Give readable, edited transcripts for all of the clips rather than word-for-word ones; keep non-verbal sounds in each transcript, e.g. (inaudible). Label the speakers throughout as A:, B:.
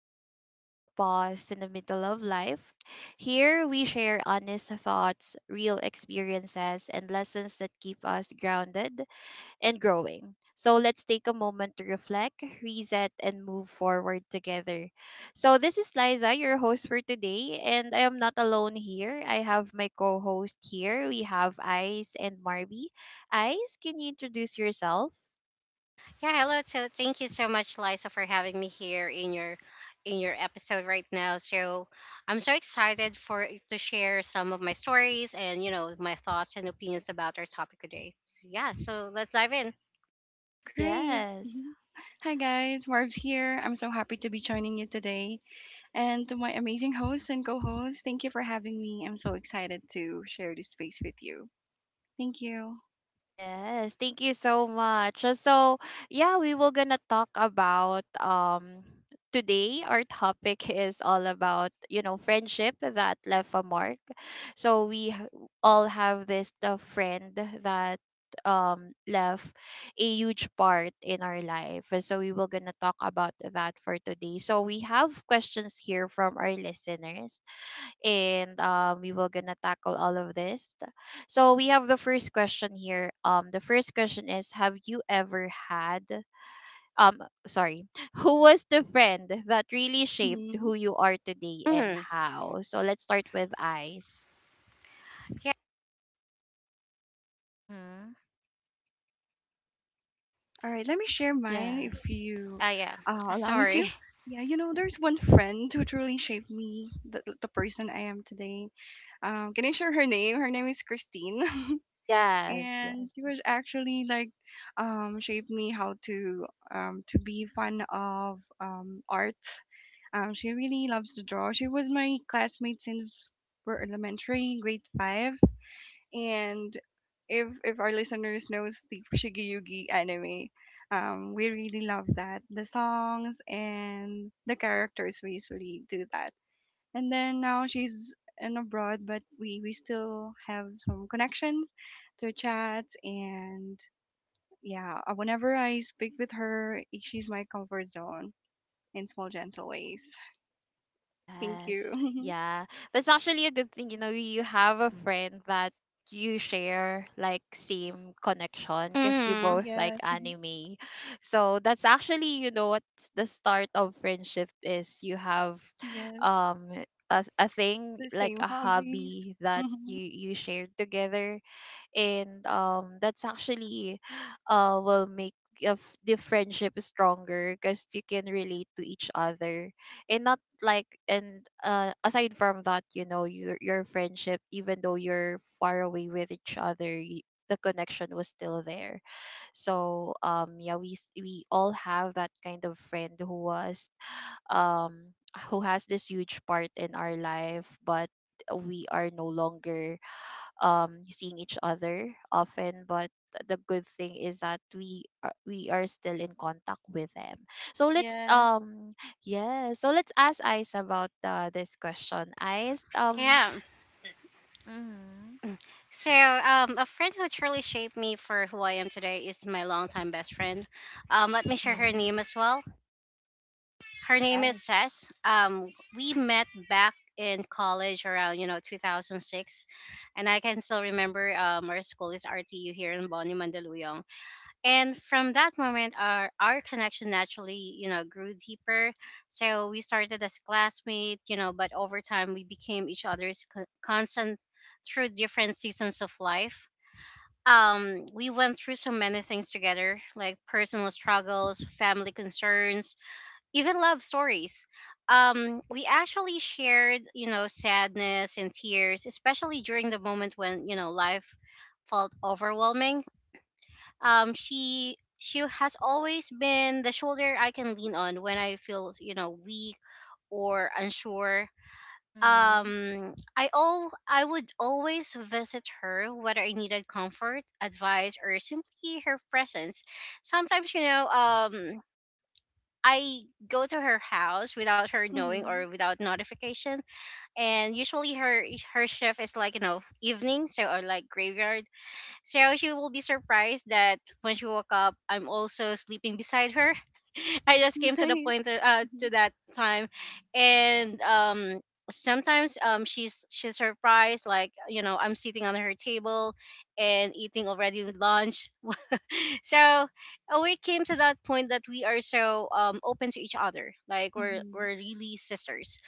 A: Update, a quick pause in the middle of life. Here we share honest thoughts, real experiences, and lessons that keep us grounded and growing. So let's take a moment to reflect, reset, and move forward together. So this is Liza, your host for today, and I am not alone here. I have my co-host here. We have Ice and Marby. Ice, can you introduce yourself?
B: Yeah, hello. Thank you so much, Liza, for having me here in your episode right now. So I'm so excited for to share some of my stories and my thoughts and opinions about our topic today. So yeah, so let's dive in.
C: Great.
A: Yes.
C: Mhm. Hi guys, Marv's here. I'm so happy to be joining you today. And to my amazing host and co host, thank you for having me. I'm so excited to share this space with you. Thank you.
A: Yes, thank you so much. So, yeah, we will gonna talk about today. Our topic (laughs) is all about, you know, friendship that left a mark. So all have this the friend that left a huge part in our life. So we will gonna talk about that for today. So we have questions here from our listeners, and we were gonna tackle all of this. So we have the first question here. The first question is, have you ever had um sorry, (laughs) who was the friend that really shaped
C: Mm-hmm.
A: who you are today, and
B: Hmm
A: how? So let's start with eyes.
B: Yeah,
A: Mm-hmm.
C: All right, let me share mine if
A: Yes,
C: you
B: yeah.
C: allow me to.
B: Sorry. (laughs)
C: Yeah, you know, there's one friend who truly shaped me, the person I am today. Can I share her name? Her name is Christine.
A: yes,
C: And
A: yes.
C: he was actually like shaped me how to be fun of art. She really loves to draw. She was my classmate since we're elementary grade five. And if our listeners knows the Shigeyugi anime, we really love that, the songs and the characters basically do that. And then now she's in abroad, but we still have some connections through chats. And yeah, whenever I speak with her, she's my comfort zone in small gentle ways. Thank
A: Yes,
C: you.
A: yeah. That's actually a good thing, you know, you have a friend that you share like same connection because you
C: (laughs)
B: hmm
A: both like
C: Yes. Mhm.
A: anime. So that's actually, you know, what's the start of friendship is you have
C: Yes,
A: um a thing
C: the
A: like
C: same
A: a
C: hobbies.
A: hobby that
C: Hmm.
A: you share together, and that's actually (gasps) will make of the friendship stronger because you can relate to each other, and not like, and aside from that, you know, your friendship, even though you're far away with each other, y the connection was still there. So yeah, we all have that kind of friend who was um who has this huge part in our life, but we are no longer seeing each other often, but the good thing is that we are still in contact with them. So let's
C: Yes.
A: yeah, so let's ask Ice about this question. Ice,
B: Yeah.
A: mm-hmm.
B: A friend who truly shaped me for who I am today is my longtime best friend. Let me share her
A: Uh-huh.
B: name as well. Her name is
A: Yes.
B: Sess. We met back in college around 2006, and I can still remember our school is RTU here in Boni Mandaluyong. And from that moment, our connection naturally grew deeper. So we started as classmates, you know, but over time we became each other's constant through different seasons of life. We went through so many things together, like personal struggles, family concerns, even love stories. We actually shared, you know, sadness and tears, especially during the moment when life felt overwhelming. She has always been the shoulder I can lean on when I feel weak or unsure.
A: Mm-hmm.
B: I would always visit her whether I needed comfort, advice, or simply her presence. Sometimes I go to her house without her knowing
C: Hmm.
B: or without notification. And usually her shift is like, you know, evening, so, or like graveyard. So she will be surprised that when she woke up, I'm also sleeping beside her. (laughs) I
C: (laughs)
B: just came to the
C: Nice.
B: point that, to that time, and sometimes she's surprised, like you know, I'm sitting on her table and eating already lunch. So we came to that point that we are so open to each other. Like we're
C: Mm-hmm.
B: we're really sisters.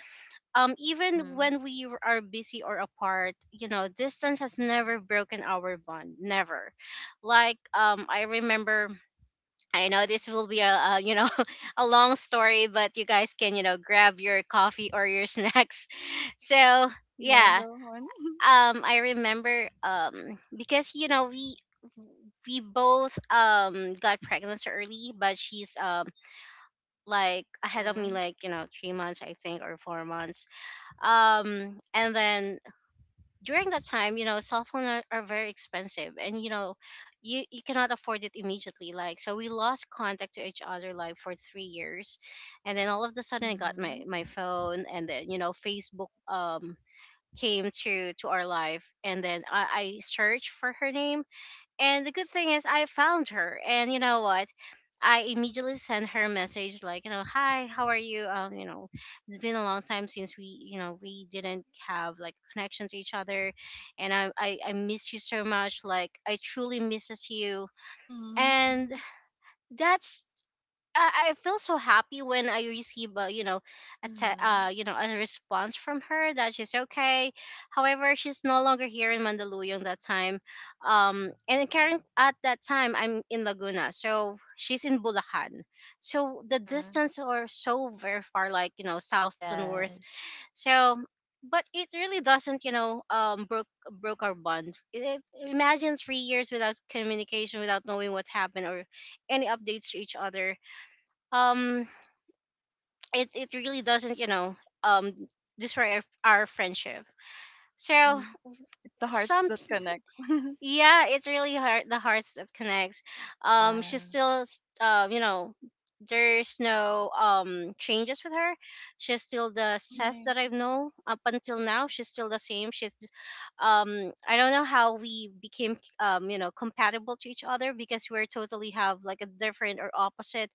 A: Mm-hmm.
B: Even when are busy or apart, you know, distance has never broken our bond. Never. I remember. I know this will be a (laughs) a long story, but you guys can grab your coffee or your (laughs) snacks. So
C: Yeah, go
B: yeah,
C: on. (laughs)
B: I remember because you know we both got pregnant so early, but she's like ahead of me,
A: Mm-hmm.
B: like you know, 3 months I think, or 4 months. And then During that time, you know, cell phones are, very expensive, and you know, you cannot afford it immediately like. So we lost contact to each other like for 3 years. And then all of a sudden, I got my
A: Mm-hmm.
B: my phone, and then you know, Facebook came to our life. And then I searched for her name, and the good thing is, I found her. And you know what, I immediately sent her a message, like, you know, hi, how are you, um, you know, it's been a long time since we, you know, we didn't have like connection to each other. And I miss you so much, like I truly misses you. And
C: Mm-hmm.
B: that's, I feel so happy when I receive a, you know,
A: Mm-hmm.
B: you know, a response from her, that she's okay. However, she's no longer here in Mandaluyong that time. And current at that time, I'm in Laguna, so she's in Bulacan. So the
A: Mm-hmm.
B: distance are so very far, like you know, south to north.
A: Yes.
B: So, but it really doesn't, you know, broke our bond. Imagine 3 years without communication, without knowing what happened or any updates to each other. Um, it it really doesn't, you know, um, destroy our friendship. So
C: Mm-hmm. It's the hearts
B: some,
C: that connect. (laughs)
B: yeah, it's really hard, the hearts that connects.
A: Yeah,
B: You know, there's no changes with her. She's still the Seth that
C: Nice.
B: I know. Up until now, she's still the same. She's I don't know how we became you know, compatible to each other, because we're totally have like a different or opposite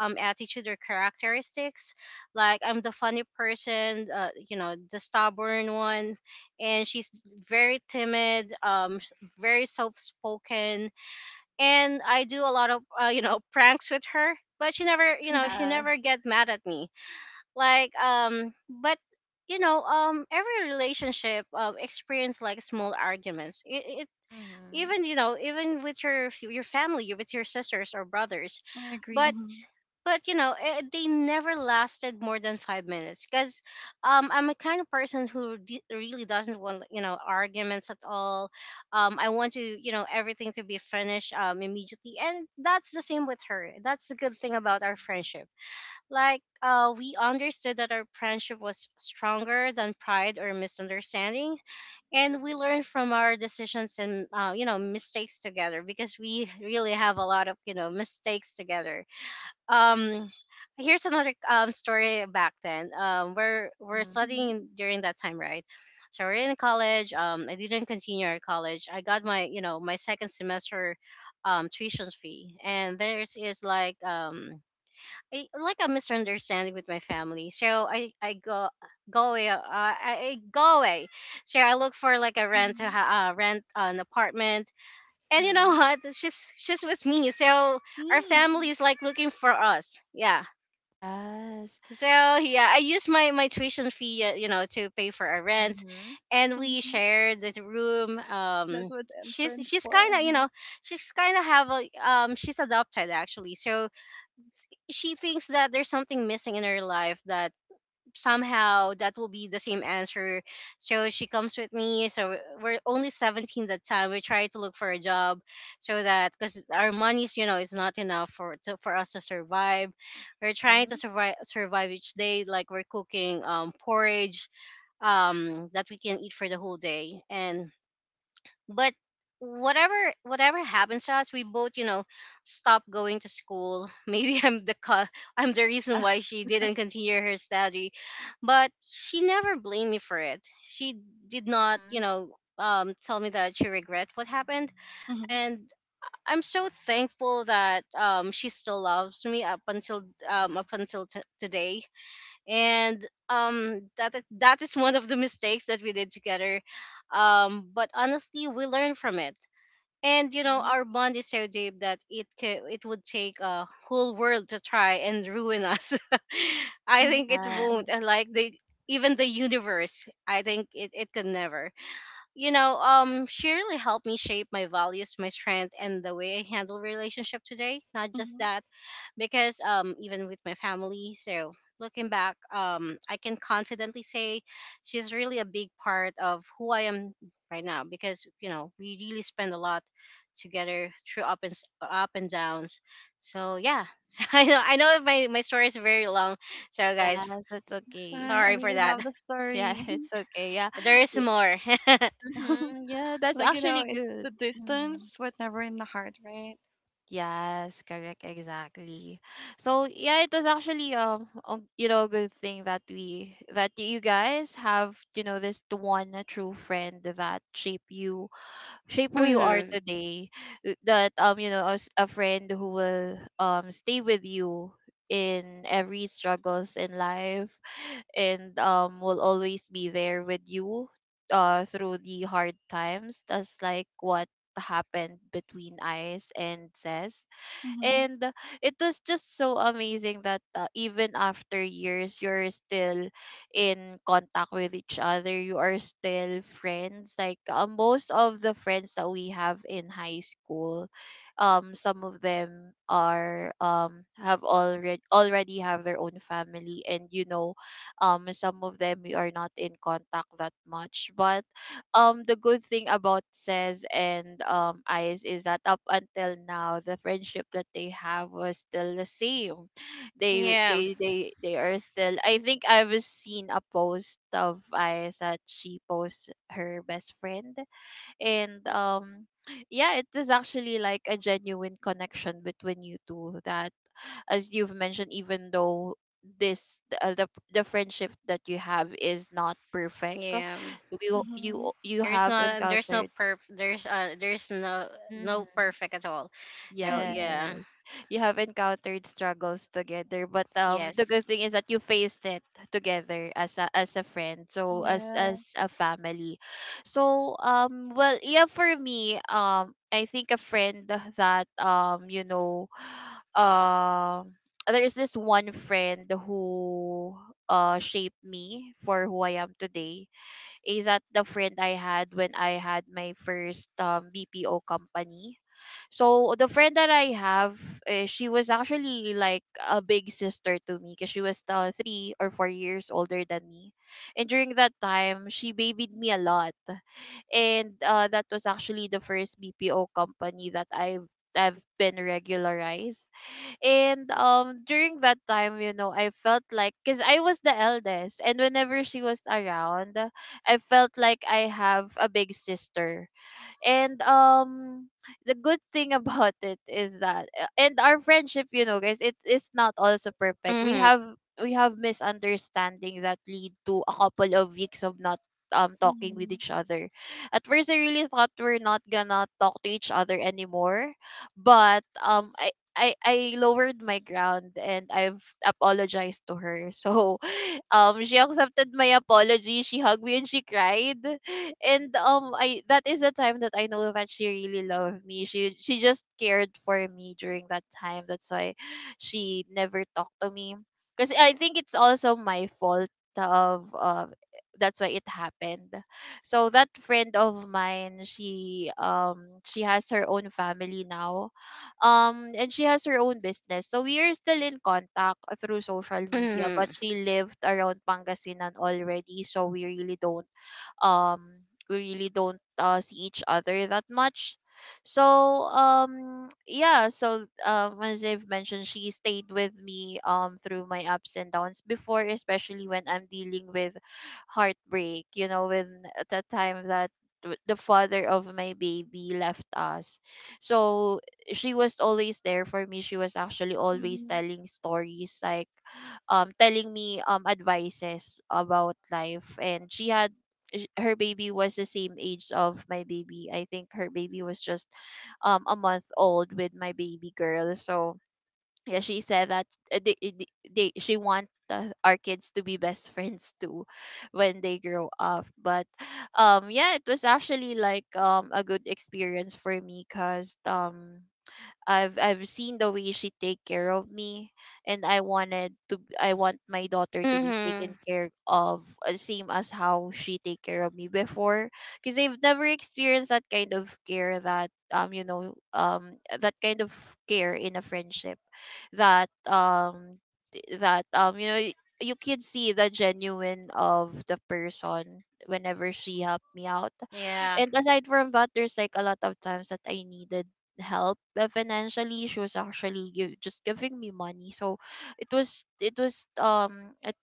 B: attitude or characteristics. Like I'm the funny person, you know, the stubborn one, and she's very timid, very soft spoken, and I do a lot of, you know, pranks with her. But she never, you know,
C: Mhm.
B: she
C: (laughs)
A: yeah.
B: never get mad at me. Like, but you know, every relationship, experience like small arguments. It
A: Mm-hmm.
B: Even you know, even with your family, with your sisters or brothers,
C: I agree.
B: but
C: Hmm.
B: but you know, eh, they never lasted more than 5 minutes. Because I'm a kind of person who really doesn't want you know, arguments at all. I want to, you know, everything to be finished, immediately. And that's the same with her. That's the good thing about our friendship. Like, we understood that our friendship was stronger than pride or misunderstanding, and we learned from our decisions and, you know, mistakes together, because we really have a lot of you know mistakes together. um Here's another story back then. We're
A: Mm-hmm.
C: Hmm.
B: studying during that time, right? So we're in college. I didn't continue our college. I got my, you know, my second semester tuition fee, and there's is like like a misunderstanding with my family, so I go go away. I go away. So I look for like a rent to
C: Mhm.
B: rent an apartment, and you know, (laughs)
A: Mm-hmm.
B: what, she's with me. So our family
C: Mm.
B: is like looking for us. Yeah.
A: Yes.
B: So yeah, I use my tuition fee, you know, to pay for our rent,
A: Mm-hmm.
B: and we
C: Mhm.
B: share the room. um
C: That was end
B: she's
C: Friends
B: she's kind
C: 4.
B: of, you know,
C: Mhm.
B: she's kind of have a, she's adopted actually, so she thinks that there's something missing in her life, that somehow that will be the same answer. So she comes with me. So we're only 17 that time. We try to look for a job, so that because our money's, you know, is not enough for to, for us to survive. We're trying to
A: Mm-hmm.
B: survive each day. Like we're cooking porridge that we can eat for the whole day. And but whatever whatever happens to us, we both, you know, stop going to school. (laughs) Maybe I'm the cause, I'm the reason
A: Yeah.
B: why
A: (laughs)
B: she didn't continue her study. But she never blamed me for it. She did not,
A: Mm-hmm.
B: you know, tell me that she regret what happened.
C: Mhm.
B: And I'm so thankful that she still loves me up until, today. And that is one of the mistakes that we did together. But honestly, we learned from it. And you know,
A: Mhm.
B: our bond is so deep that it would take a whole world to try and ruin us. (laughs) I think
C: Mhm.
B: it
A: Yeah.
B: won't. And like the, even the universe, I think it could never, you know, she really helped me shape my values, my strength, and the way I handle relationship today. Not just
C: Mhm.
B: that, because even with my family, so looking back, I can confidently say she's really a big part of who I am right now. Because you know, we really spend a lot together through up and downs. So yeah, (laughs) so I know, my my story is very long. So guys,
A: Yes, that's
C: It's
A: okay.
C: fine.
B: sorry
C: I
B: for
C: really
B: that. (laughs)
C: love the
A: Yeah, (laughs)
C: story.
A: it's okay. Yeah.
B: There is
A: Yeah,
B: more. (laughs)
A: mhm,
C: (laughs)
A: yeah that's
C: Like, you
A: actually
C: know, it's
A: good.
C: the
A: Hmm.
C: distance, but never in the heart, right?
A: Yes, correct, exactly. So yeah, it was actually a- you know good thing that we that you guys have, you know, this one true friend that shape who you are
B: Mhm.
A: today, that you know, as a friend who will stay with you in every struggles in life, and will always be there with you through the hard times. That's like what happened between Ice and Ses,
C: Mm-hmm.
A: and it was just so amazing that even after years you're still in contact with each other. You are still friends. Like most of the friends that we have in high school, some of them are have already have their own family, and you know some of them we are not in contact that much, but the good thing about Says and Ice is that up until now the friendship that they have was still the same. They
B: Yeah.
A: they they they are still, I think I've seen a post of Ice that she posts her best friend, and yeah, it is actually like a genuine connection between you two that, as you've mentioned, even though this the friendship that you have is not perfect,
B: Yeah.
C: Mm-hmm.
A: you have
B: There's no
A: encountered
B: perf there's no No
A: Mhm.
B: perfect at all. So
C: Mm-hmm.
B: yeah.
A: Yes. You have encountered struggles together, but the
B: Yes.
A: good thing is that you faced it together as a friend, so
C: Yeah.
A: as a family. So well yeah for me I think a friend that you know (sighs) um there is this one friend who shaped me for who I am today is that the friend I had when I had my first BPO company. So the friend that I have, eh, she was actually like a big sister to me because she was 3 or 4 years older than me, and during that time she babied me a lot, and that was actually the first BPO company that I've been regularized. And during that time, you know, I felt like cuz I was the eldest, and whenever she was around, I felt like I have a big sister, and the good thing (laughs) about it is that and our friendship, you know guys, it is not also perfect. We
B: Mhm.
A: have we have misunderstanding that lead to a couple of weeks of not talking with
C: Mm-hmm.
A: each other. At first I really thought we're not gonna talk to each other anymore, but I lowered my ground and I've apologized to her. (laughs) So she accepted my apology, she hugged me and she cried, and I that is the time that I know that she really loved me. She just cared for me during that time, that's why she never talked to me, because I think it's also my fault of that's why it happened. So that friend of mine, she has her own family now, and she has her own business, so we are still in contact through social media, but
B: Mhm.
A: she lived around Pangasinan already, so we really don't um see each other that much. So yeah, so as I've mentioned, she stayed with me through my ups and downs before, especially when I'm dealing with heartbreak, you know, when at the time that the father of my baby left us. So she was always there for me. She was actually always
C: Mm-hmm.
A: telling stories, like telling me advices about life, and she had her baby was the same age of my baby. I think her baby was just a month old with my baby girl. So yeah, she said that they she want our kids to be best (laughs) friends too when they grow up. But yeah, it was actually like a good experience for me, cuz I've seen the way she take care of me, and I wanted to I want my daughter to be taken
B: Mhm.
A: care of same as how she take care of me before, because I've never experienced that kind of care, that you know that kind of care in a friendship, that you know you can see the genuine of the person whenever she helped me out,
B: Yeah.
A: and aside from that, there's like a lot of times that I needed help financially. She was actually just giving me money. So it was it,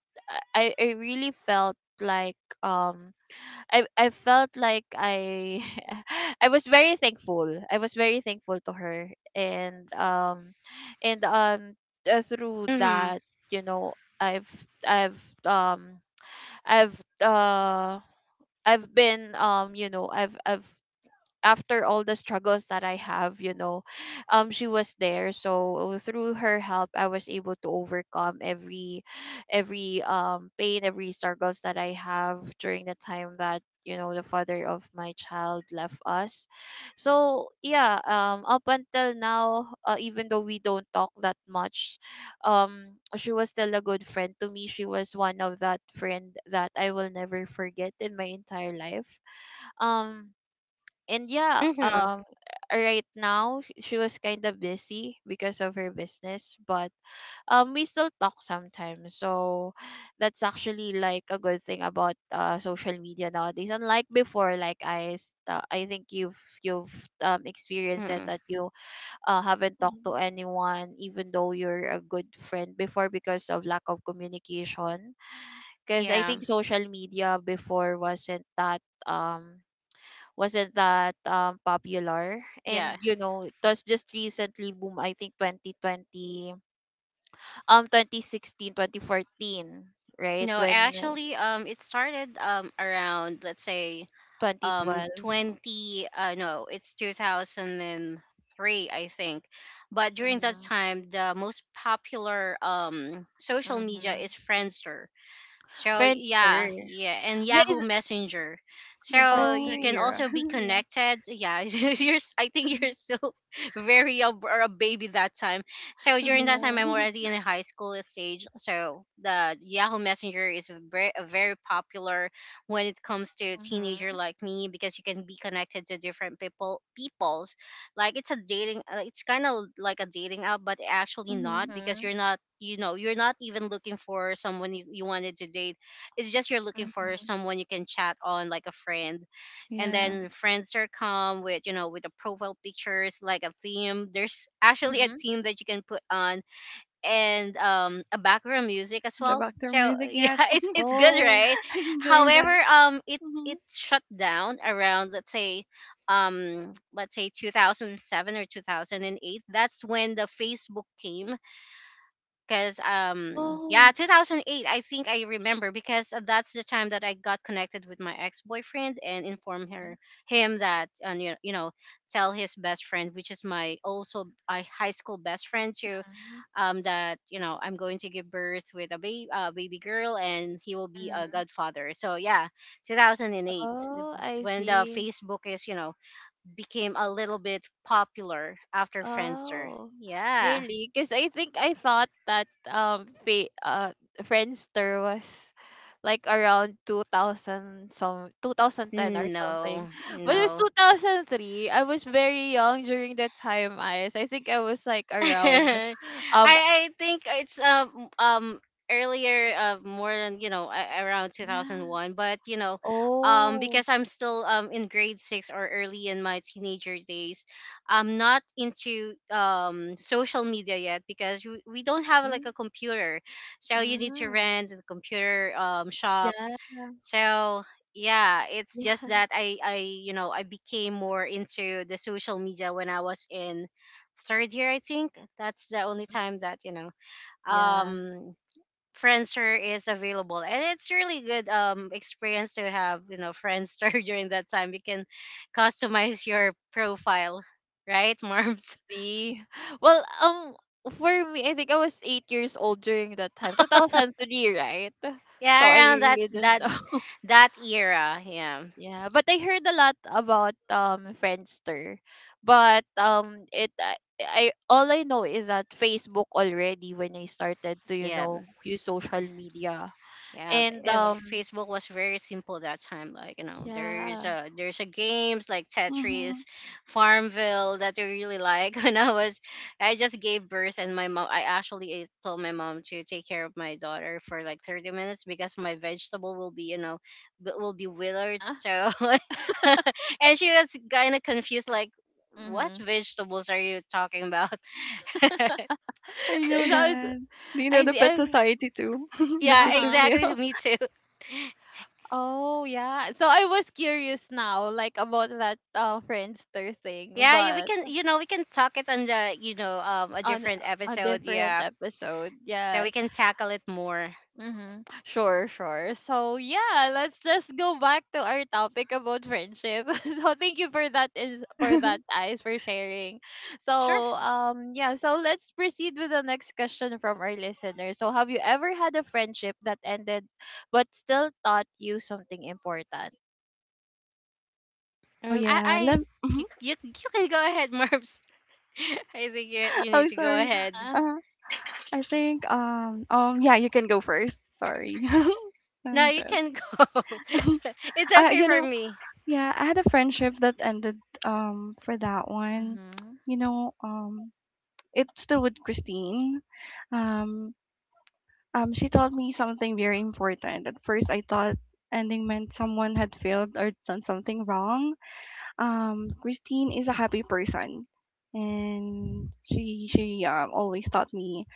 A: I really felt like I felt like I (laughs) I was very thankful. I was very thankful to her, and through
B: Mhm.
A: that, you know, I've I've um I've uh I've been you know I've after all the struggles that I have, you know, she was there. So through her help, I was able to overcome every pain, every struggles that I have during the time that, you know, the father of my child left us. So yeah, up until now, even though we don't talk that much, she was still a good friend to me. She was one of that friend that I will never forget in my entire life. Um, and yeah,
B: Mhm.
A: right now she was kind of busy because of her business, but we still talk sometimes. So that's actually like a good thing about social media nowadays, unlike before. Like I think you've experienced it,
B: Mhm.
A: that you haven't talked to
C: Mm-hmm.
A: anyone even though you're a good friend before, because of lack of communication, because I
B: Yeah.
A: think social media before wasn't that popular,
B: Yeah.
A: and you know it was just recently boom, I think 2020, 2016, 2014, right?
B: No,
A: When
B: actually it started around let's say um
A: 2012
B: 20 uh no, it's 2003 I think. But during that
A: mm-hmm,
B: time the most popular social media
A: mm-hmm.
B: is Friendster. So
A: Friendster,
B: yeah, yeah, and
A: yeah
B: Yahoo
A: is
B: Messenger.
C: The
B: So
C: Friends
B: you
A: oh
B: can
C: era.
B: also be
C: (laughs) Yeah.
B: connected. Yeah, (laughs)
C: Mm-hmm.
B: I think you're still (laughs) very or a baby that time. So during that time,
A: yeah
B: I'm
C: Mm-hmm.
B: already in a high school stage. So the Yahoo Messenger is very popular when it comes to teenager
A: mm-hmm,
B: like me, because you can be connected to different people. Like it's a dating, it's kind of like a dating app, but actually not,
C: Mm-hmm. (laughs)
B: because
A: mm-hmm,
B: you're not, you know, you're not even looking for someone you, you wanted to date. It's just you're looking for
A: mm-hmm,
B: someone you can chat on, like a friend. And
C: Yeah.
B: then friends are come with, you know, with the profile pictures, like a theme. There's actually a
A: mm-hmm.
B: theme that you can put on, and a background music as
C: The
B: well.
C: Vector
B: So (laughs)
C: music,
B: yeah,
C: yes.
B: it's good,
A: Oh.
B: right?
C: (laughs) I enjoy
B: However,
C: that.
B: it
C: Mm-hmm.
B: it shut down around let's say 2007 or 2008. That's when the Facebook came because yeah,
A: Oh.
B: 2008, I think, I remember because that's the time that I got connected with my ex-boyfriend and informed
A: Mm-hmm.
B: her him that, and you know, tell his best friend, which is my also my high school best friend too.
A: Mm-hmm.
B: That, you know, I'm going to give birth with a baby, baby girl, and he will be a
A: Mm-hmm.
B: godfather. So yeah, 2008. the-
A: Oh, I
B: when the
A: see.
B: Facebook is, you know, became a little bit popular after Friendster.
A: Oh,
B: Yeah.
A: really? Because I think I thought that fa Friendster was like around 2000 some 2010 or something.
B: No,
A: But it was
B: no.
A: 2003. I was very young during that time, Ice. I think I was like
B: (laughs)
A: around
B: I
A: um
B: I think it's earlier, more than, you know, around
A: (gasps) yeah.
B: 2001. But you know,
A: Oh.
B: because I'm still, in grade 6, or early in my teenager days. I'm not into social media yet because we don't have
A: Mm-hmm.
B: like a computer. So you need to
A: Mm-hmm.
B: rent the computer shops.
A: Yeah. (laughs)
B: So yeah, it's just
A: Yeah.
B: that I, you know, I became more into the social media when I was in third year, I think. That's the only
A: Mm,
B: time that, you know,
A: yeah.
B: um Friendster is available. And it's really good experience to have, you know, Friendster. (laughs) During that time, you can customize your profile, right,
A: I
B: Marms?
A: see. Well, for me, I think I was 8 years old during that time, 2003, right?
B: (laughs)
A: So
B: Yeah,
A: I
B: around that,
A: really didn't
B: that
A: know. (laughs)
B: that era. Yeah,
A: Yeah, but I heard a lot about Friendster, but I all I know is that Facebook already when I started to
B: yeah,
A: use social
B: yeah.
A: media
B: Yeah,
A: and
B: if Facebook was very simple that time, like, you know, there's
A: yeah
B: a there's a games like
C: Mm-hmm.
B: Tetris, Farmville, that I really like. (laughs) When I was, I just gave birth, and my mom, I actually told my mom to take care of my daughter for like 30 minutes because my vegetable will be, you know, will be
A: uh
B: withered.
A: huh
B: So, (laughs) and she was kind of confused, like, what
A: mm-hmm.
B: vegetables are you talking about? (laughs)
A: (laughs) so
C: I know
A: it's,
C: that. Do you know
A: I
C: the
A: see
C: Pet
A: I
C: Society too? (laughs) The
A: uh
B: Yeah,
A: huh
B: exactly.
C: Cityville.
B: Me too.
A: Oh yeah. So I was curious now, like about that Friendster thing,
B: Yeah, yeah, we
A: but
B: can, you know, we can talk it on the, you know, a
A: on
B: different
A: a
B: episode.
A: different
B: Yeah,
A: episode.
B: so we
A: Yes.
B: can tackle it more.
A: Mm-hmm. Sure, sure. So yeah, let's just go back to our topic about friendship. (laughs) So thank you for
C: (laughs)
A: that, eyes, for sharing.
B: Sure.
A: So yeah, so let's proceed with the next question from our listener. So have you ever had a friendship that ended but still taught you something important?
C: Oh
B: Mm, I,
C: yeah. Let.
B: I,
C: Mhm.
B: you,
C: (laughs)
B: you, you can go ahead, (laughs) Marbs. I think you
C: Oh
B: need to go
C: sorry.
B: ahead.
A: Uh-huh.
C: Uh, I think yeah, you can go first. Sorry. (laughs) No
B: No, you
C: joke.
B: can go.
C: (laughs)
B: (laughs) It's
C: I
B: okay
C: you
B: for
C: know,
B: me.
C: yeah, I had a friendship that ended for that one.
A: Mm-hmm.
C: You know, it's still with Christine. Um she told me something very important. At first I thought ending meant someone had failed or done something wrong. Christine is a happy person, and she always taught me,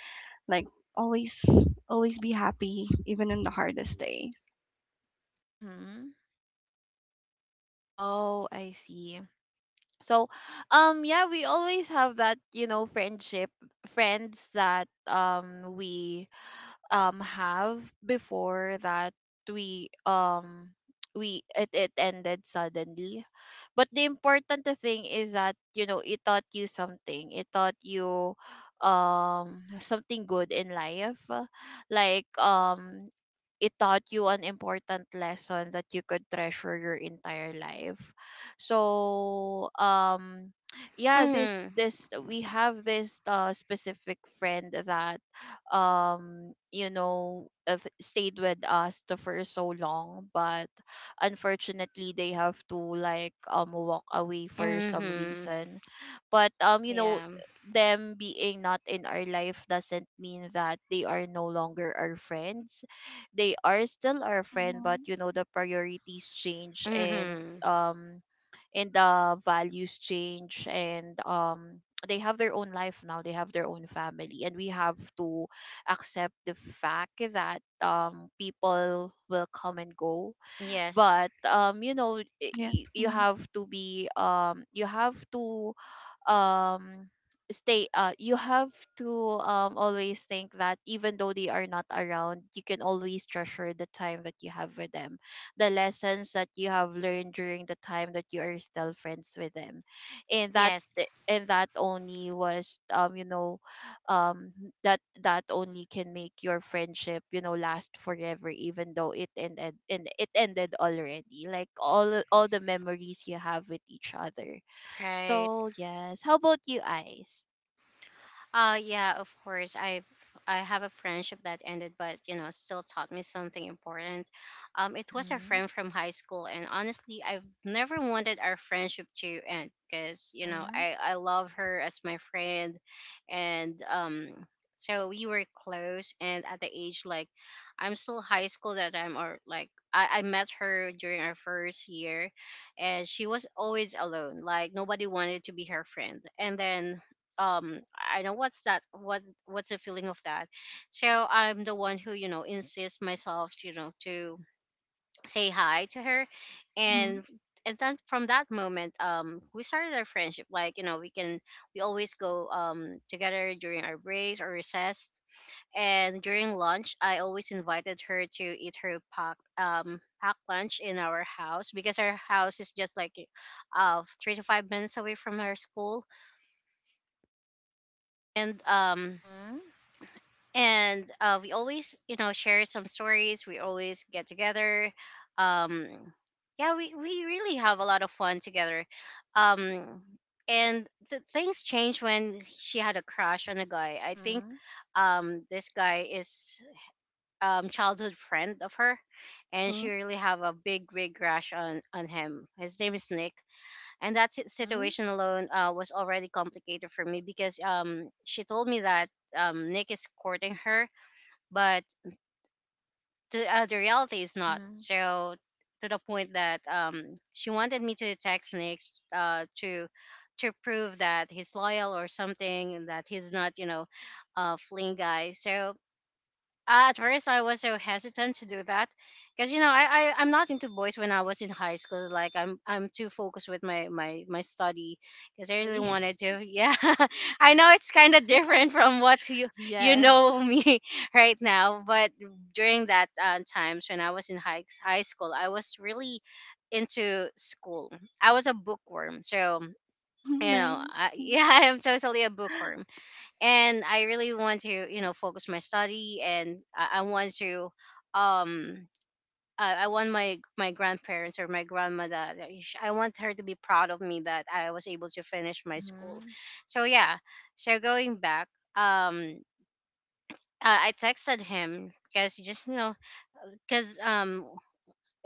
C: like, always, always be happy even in the hardest days.
A: Mm-hmm. Oh, I see. So, yeah, we always have that, you know, friends that we have before that we um we it ended suddenly. But the important thing is that, you know, it taught you something. It taught you something good in life. Like it taught you an important lesson that you could treasure your entire life, so yeah, this
B: Mhm.
A: this we have this specific friend that you know, stayed with us for so long, but unfortunately they have to like walk away for some
B: Mhm.
A: reason. But you know,
B: Yeah.
A: them being not in our life doesn't mean that they are no longer our friends. They are still our friend, but
C: Mm-hmm.
A: you know, the priorities change,
B: Mhm.
A: and the values change, and they have their own life now, they have their own family, and we have to accept the fact that people will come and go.
B: Yes.
A: But you know,
C: Yes.
A: you
C: Mm-hmm.
A: have to be you have to um stay you have to always think that even though they are not around, you can always treasure the time that you have with them, the lessons that you have learned during the time that you are still friends with them. and that
B: Yes.
A: eh, and that only was you know, um that only can make your friendship, you know, last forever even though it ended and it ended already, like all the memories you have with each other.
B: Right.
A: So yes, how about you, eyes?
B: Yeah, of course. I have a friendship that ended, but, you know, still taught me something important. It was a
A: Mhm.
B: friend from high school, and honestly, I've never wanted our friendship to end because, you know,
A: Mhm.
B: I love her as my friend, and. So we were close, and at the age, like, I'm still high school that I'm, or like, I met her during our first year, and she was always alone. Like, nobody wanted to be her friend. And then, um I know what's that, what's the feeling of that. So I'm the one who, you know, insists myself, you know, to say hi to her.
C: Mm-hmm.
B: And and then from that moment, we started our friendship, like, you know, we always go together during our breaks or recess. And during lunch, I always invited her to eat her pack lunch in our house because our house is just like, 3 to 5 minutes away from her school. and um
A: Mhm.
B: and uh, we always, you know, share some stories. We always get together. um yeah, we really have a lot of fun together. um Things changed when she had a crush on a guy, I think.
A: Mhm.
B: This guy is childhood friend of her. And
C: Mm-hmm. (laughs)
B: she really have a big big crush on him. His name is Nick. And that
A: Mhm.
B: situation alone, was already complicated for me because she told me that Nick is courting her, but the reality is not
A: Mhm.
B: so. To the point that, she wanted me to text Nick, uh, to to prove that he's loyal or something, and that he's not, you know, a fling guy. So, at first I was so hesitant to do that because, you know, I'm not into boys when I was in high school, like I'm too focused with my study. Because I really
A: Really?
B: wanted
A: (laughs)
B: to, yeah. (laughs) I know it's kind of different from what you
A: Yes.
B: know me, (laughs) right now, but during that times when I was in high school, I was really into school. I was a bookworm. So, you know,
C: Nice.
B: I, (laughs)
C: Mhm.
B: yeah, I am totally a bookworm. And I really want to, you know, focus my study. And I want to, um I want my grandparents, or my grandmother, I want her to be proud of me that I was able to finish my school.
A: Mhm.
B: So yeah, so going back, um I texted him because just, you know, because, um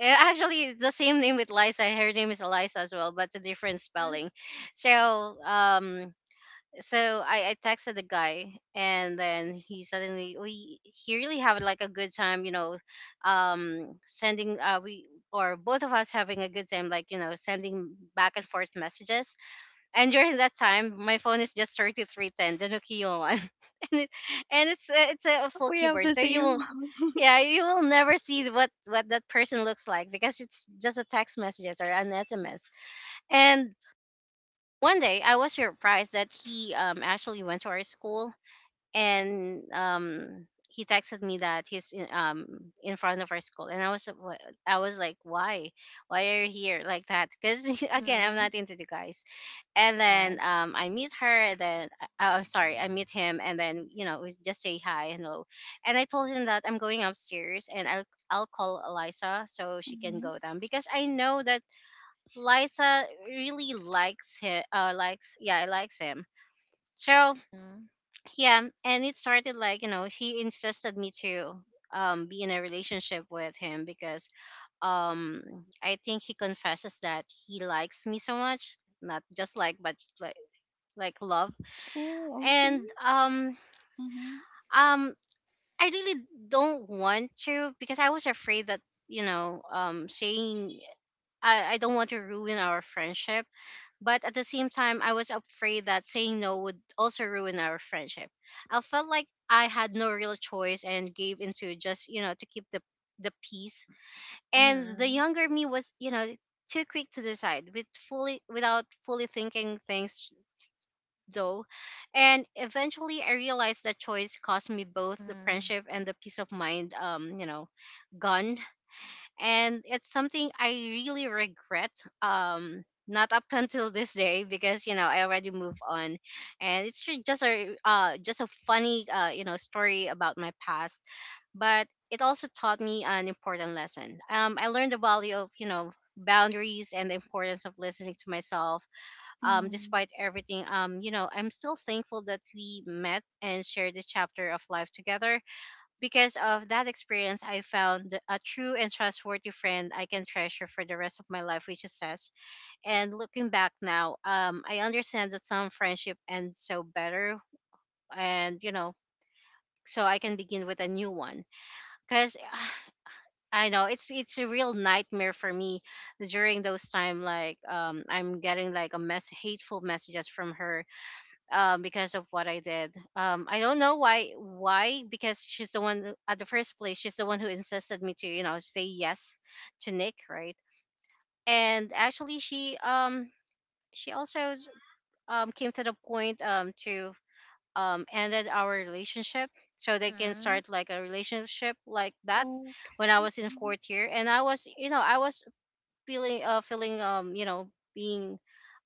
B: eh, actually it's the same name with Liza, her name is Eliza as well, but it's a different
A: Mhm.
B: spelling. So, um so, I texted the guy, and then he suddenly we he really had like a good time, you know, sending, we or both of us having a good time, like, you know, sending back and forth messages. And during that time, my phone is just 3310, the Nokia one. (laughs) and, it, and it's a full
C: We have
B: keyboard.
C: the
B: So you
C: same
B: will,
C: one. (laughs)
B: yeah, you will never see what that person looks like because it's just a text messages or an SMS. And one day, I was surprised that he, actually went to our school. And he texted me that he's in front of our school. And I was, I was like, why are you here like that because, (laughs) again, I'm
A: Mhm.
B: not into the guys. And then,
A: Yes.
B: I meet her, and then, I'm sorry, I meet him, and then, you know, we just say hi and hello. And I told him that I'm going upstairs, and I'll call Eliza so she can
C: Hmm.
B: go down because I know that Liza really likes him. So
A: Mhm.
B: yeah, and it started, like, you know, he insisted me to be in a relationship with him because, um I think he confesses that he likes me so much, not just like, but like love.
C: Oh, okay.
B: and um
C: Mm-hmm.
B: um I really don't want to because I was afraid that, you know, saying, I don't want to ruin our friendship. But at the same time, I was afraid that saying no would also ruin our friendship. I felt like I had no real choice and gave into just, you know, to keep the peace. And the
A: Mhm.
B: younger me was, you know, too quick to decide without fully thinking things though. And eventually I realized that choice cost me both the
A: Mhm.
B: friendship and the peace of mind, you know, gone. And it's something I really regret. Not up (laughs) until this day because, you know, I already moved on, and it's just a funny, you know, story about my past, but it also taught me an important lesson. I learned the value of, you know, boundaries and the importance of listening to myself.
C: Mm-hmm.
B: Despite everything, you know, I'm still thankful that we met and shared the chapter of life together. Because of that experience, I found a true and trustworthy friend I can treasure for the rest of my life, which is Sess. And looking back now, I understand that some friendship ends so better, and, you know, so I can begin with a new one. Because (sighs) I know it's a real nightmare for me during those time. Like, I'm getting like a mess, hateful messages from her, because of what I did. I don't know why. Why? Because she's the at the first place. She's the one who insisted me to, you know, say yes to Nick, right? And actually, she also, came to the point, to ended our relationship so they can
A: Mhm.
B: start like a relationship like that
C: Okay.
B: when I was in
C: Hmm.
B: fourth year. And I was, you know, I was feeling, you know, being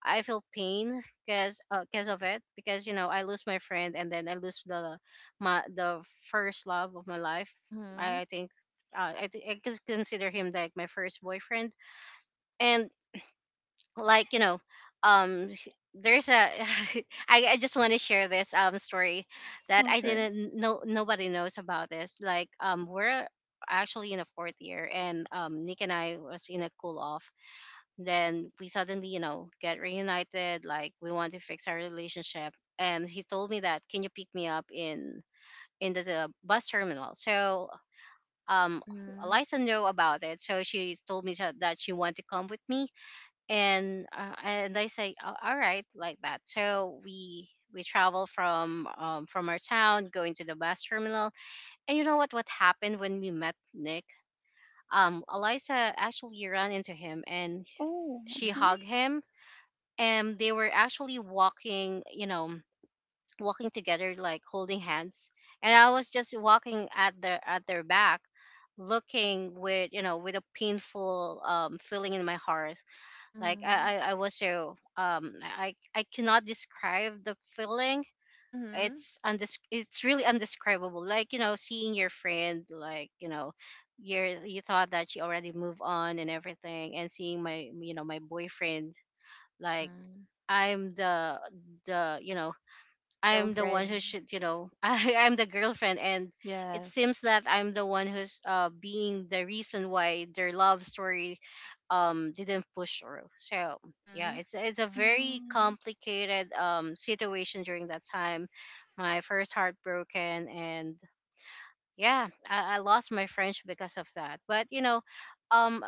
B: I feel pain because, cause of it because, you know, I lose my friend, and then I lose the first love of my life. I,
A: Mhm.
B: I think I consider him like my first boyfriend. And like um s- there's a (laughs) I just want to share this story that
C: Oh,
B: I
C: sure.
B: didn't know nobody knows about this. Like we're actually in a fourth year, and Nick and I was in a cool off. Then we suddenly, get reunited, like we want to fix our relationship. And he told me that, can you pick me up in the bus terminal? So um
A: Mhm.
B: Eliza know about it, so she told me that she want to come with me. And I say, "A- all right," like that. So we travel from from our town going to the bus terminal. And you know what happened when we met Nick. Eliza actually ran into him and
C: Oh,
B: she
C: okay.
A: Mhm.
B: hugged him. And they were actually walking, you know, walking together like holding hands. And I was just walking at their back, looking with, you know, with a painful feeling in my heart. Like
A: Mhm.
B: I was so. I cannot describe the feeling.
A: Mhm.
B: It's really undescribable, like, you know, seeing your friend, like, you know, you thought that she already moved on and everything, and seeing my, you know, my boyfriend. Like,
A: Mhm.
B: I'm the the you know I'm the one who
A: Girlfriend.
B: should, you know, (laughs) I'm the girlfriend, and it
A: Yes.
B: seems that I'm the one who's being the reason why their love story didn't push through. So yeah,
A: Mhm.
B: it's a very
C: Mm-hmm.
B: complicated situation during that time. My first heartbroken. And yeah, I lost my French because of that. But you know, um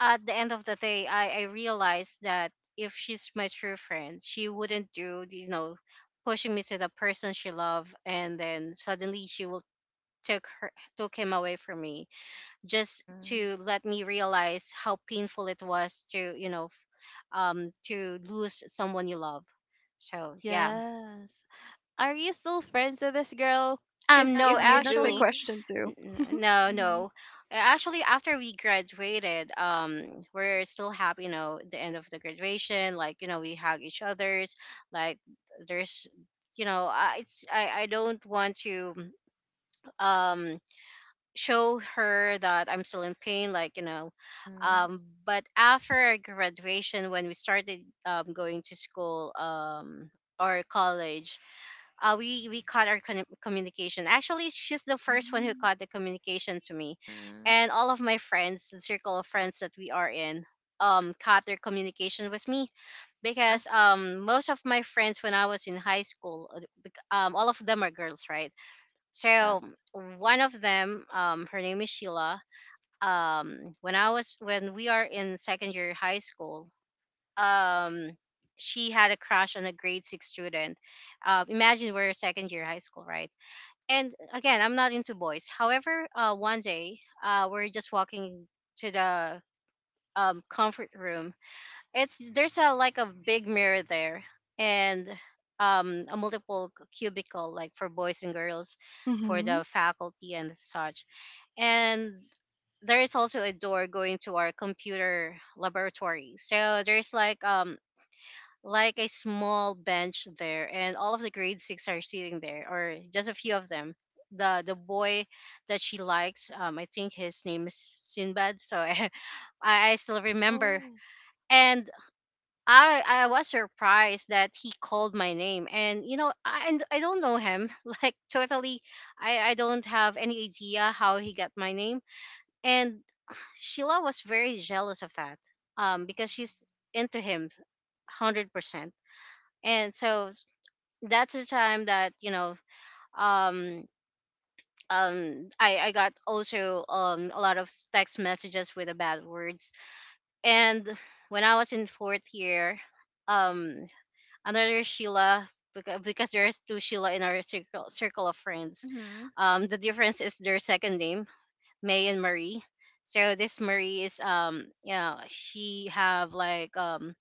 B: at the end of the day, I realized that if she's my true friend, she wouldn't do, you know, pushing me to the person she loved, and then suddenly she will took her took him away from me, just
A: Mhm.
B: to let me realize how painful it was to, to lose someone you love. So yeah.
A: Yes. Are you still friends with this girl? Cause
B: No,
A: if
C: Yeah,
A: you
C: that's my
A: do.
B: actually.
C: question
B: N-
C: too. (laughs)
B: No,
A: Mhm.
B: no. Actually, after we graduated, we're still happy. You know, the end of the graduation, like, you know, we hug each other's. Like there's, you know, I, it's I don't want to um show her that I'm still in pain. Like, you know,
A: Mhm.
B: but after our graduation, when we started going to school, or college, we caught our communication. Actually, she's the first one who caught the communication to me,
A: Mhm.
B: and all of my friends, the circle of friends that we are in, caught their communication with me,
A: Huh?
B: because most of my friends when I was in high school, all of them are girls, right? So
A: Yes.
B: one of them, her name is Sheila. When I was when we are in second year high school, um she had a crush on a grade six student. Imagine we're second year high school, right? And again, I'm not into boys. However, one day, we're just walking to the comfort room. It's There's a, like, a big mirror there, and a multiple cubicle, like, for boys and girls, for
C: Mm-hmm.
B: the faculty and such. And there is also a door going to our computer laboratory. So there's like, like a small bench there, and all of the grade six are sitting there, or just a few of them. The boy that she likes, I think his name is Sinbad. So (laughs) I still remember,
A: Oh.
B: and I was surprised that he called my name, and you know, I don't know him, (laughs) like, totally. I don't have any idea how he got my name. And (sighs) Sheila was very jealous of that, because she's into him 100%. And so that's the time that, you know, um I got also, a lot of text messages with the bad words. And when I was in fourth year, um another Sheila, because there's two Sheila in our circle of friends.
A: Mhm.
B: The difference is their second name: May and Marie. So this Marie is, yeah, she have like,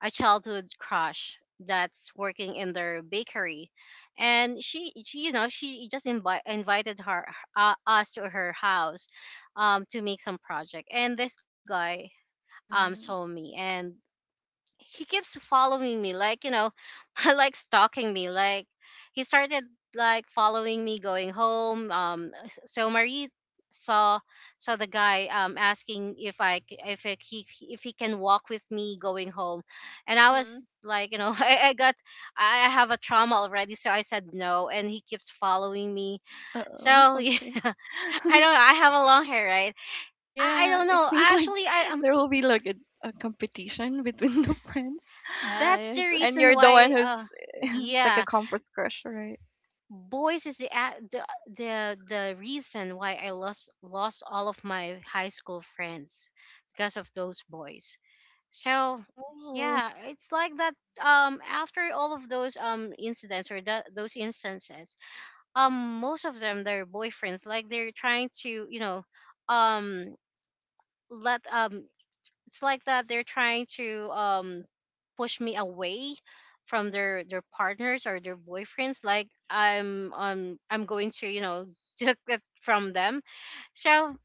B: a childhood crush that's working in their bakery. And she, you know, she just invited her us to her house to make some project. And this guy saw
A: Mhm.
B: me, and he keeps following me, like, you know, (laughs) like stalking me. Like, he started like following me going home. So Marie saw saw the guy, asking if I c- if I, he if he can walk with me going home. And I
A: Mhm.
B: was like, you know, (laughs) I got I have a trauma already, so I said no, and he keeps following me.
C: Uh-oh,
B: So (laughs) yeah,
C: okay.
B: I
C: (laughs)
B: don't I have a long hair, right? I
C: Yeah,
B: don't
C: it
B: know,
C: seems like
B: actually. I
C: (laughs) there will be like a competition between (laughs) the friends,
B: That's
A: Yes.
B: the
A: (laughs)
C: and
B: reason
C: you're the one
B: why,
C: who's (laughs) like a
B: yeah,
C: comfort crush, right?
B: boys is the a- the the reason why I lost all of my high school friends because of those boys. So
A: Oh.
B: yeah, it's like that. After all of those incidents, or that, those instances, most of them their boyfriends, like, they're trying to, you know, um, let it's like that, they're trying to push me away from their partners or their boyfriends, like I'm going to, you know, (laughs) took it from them. So,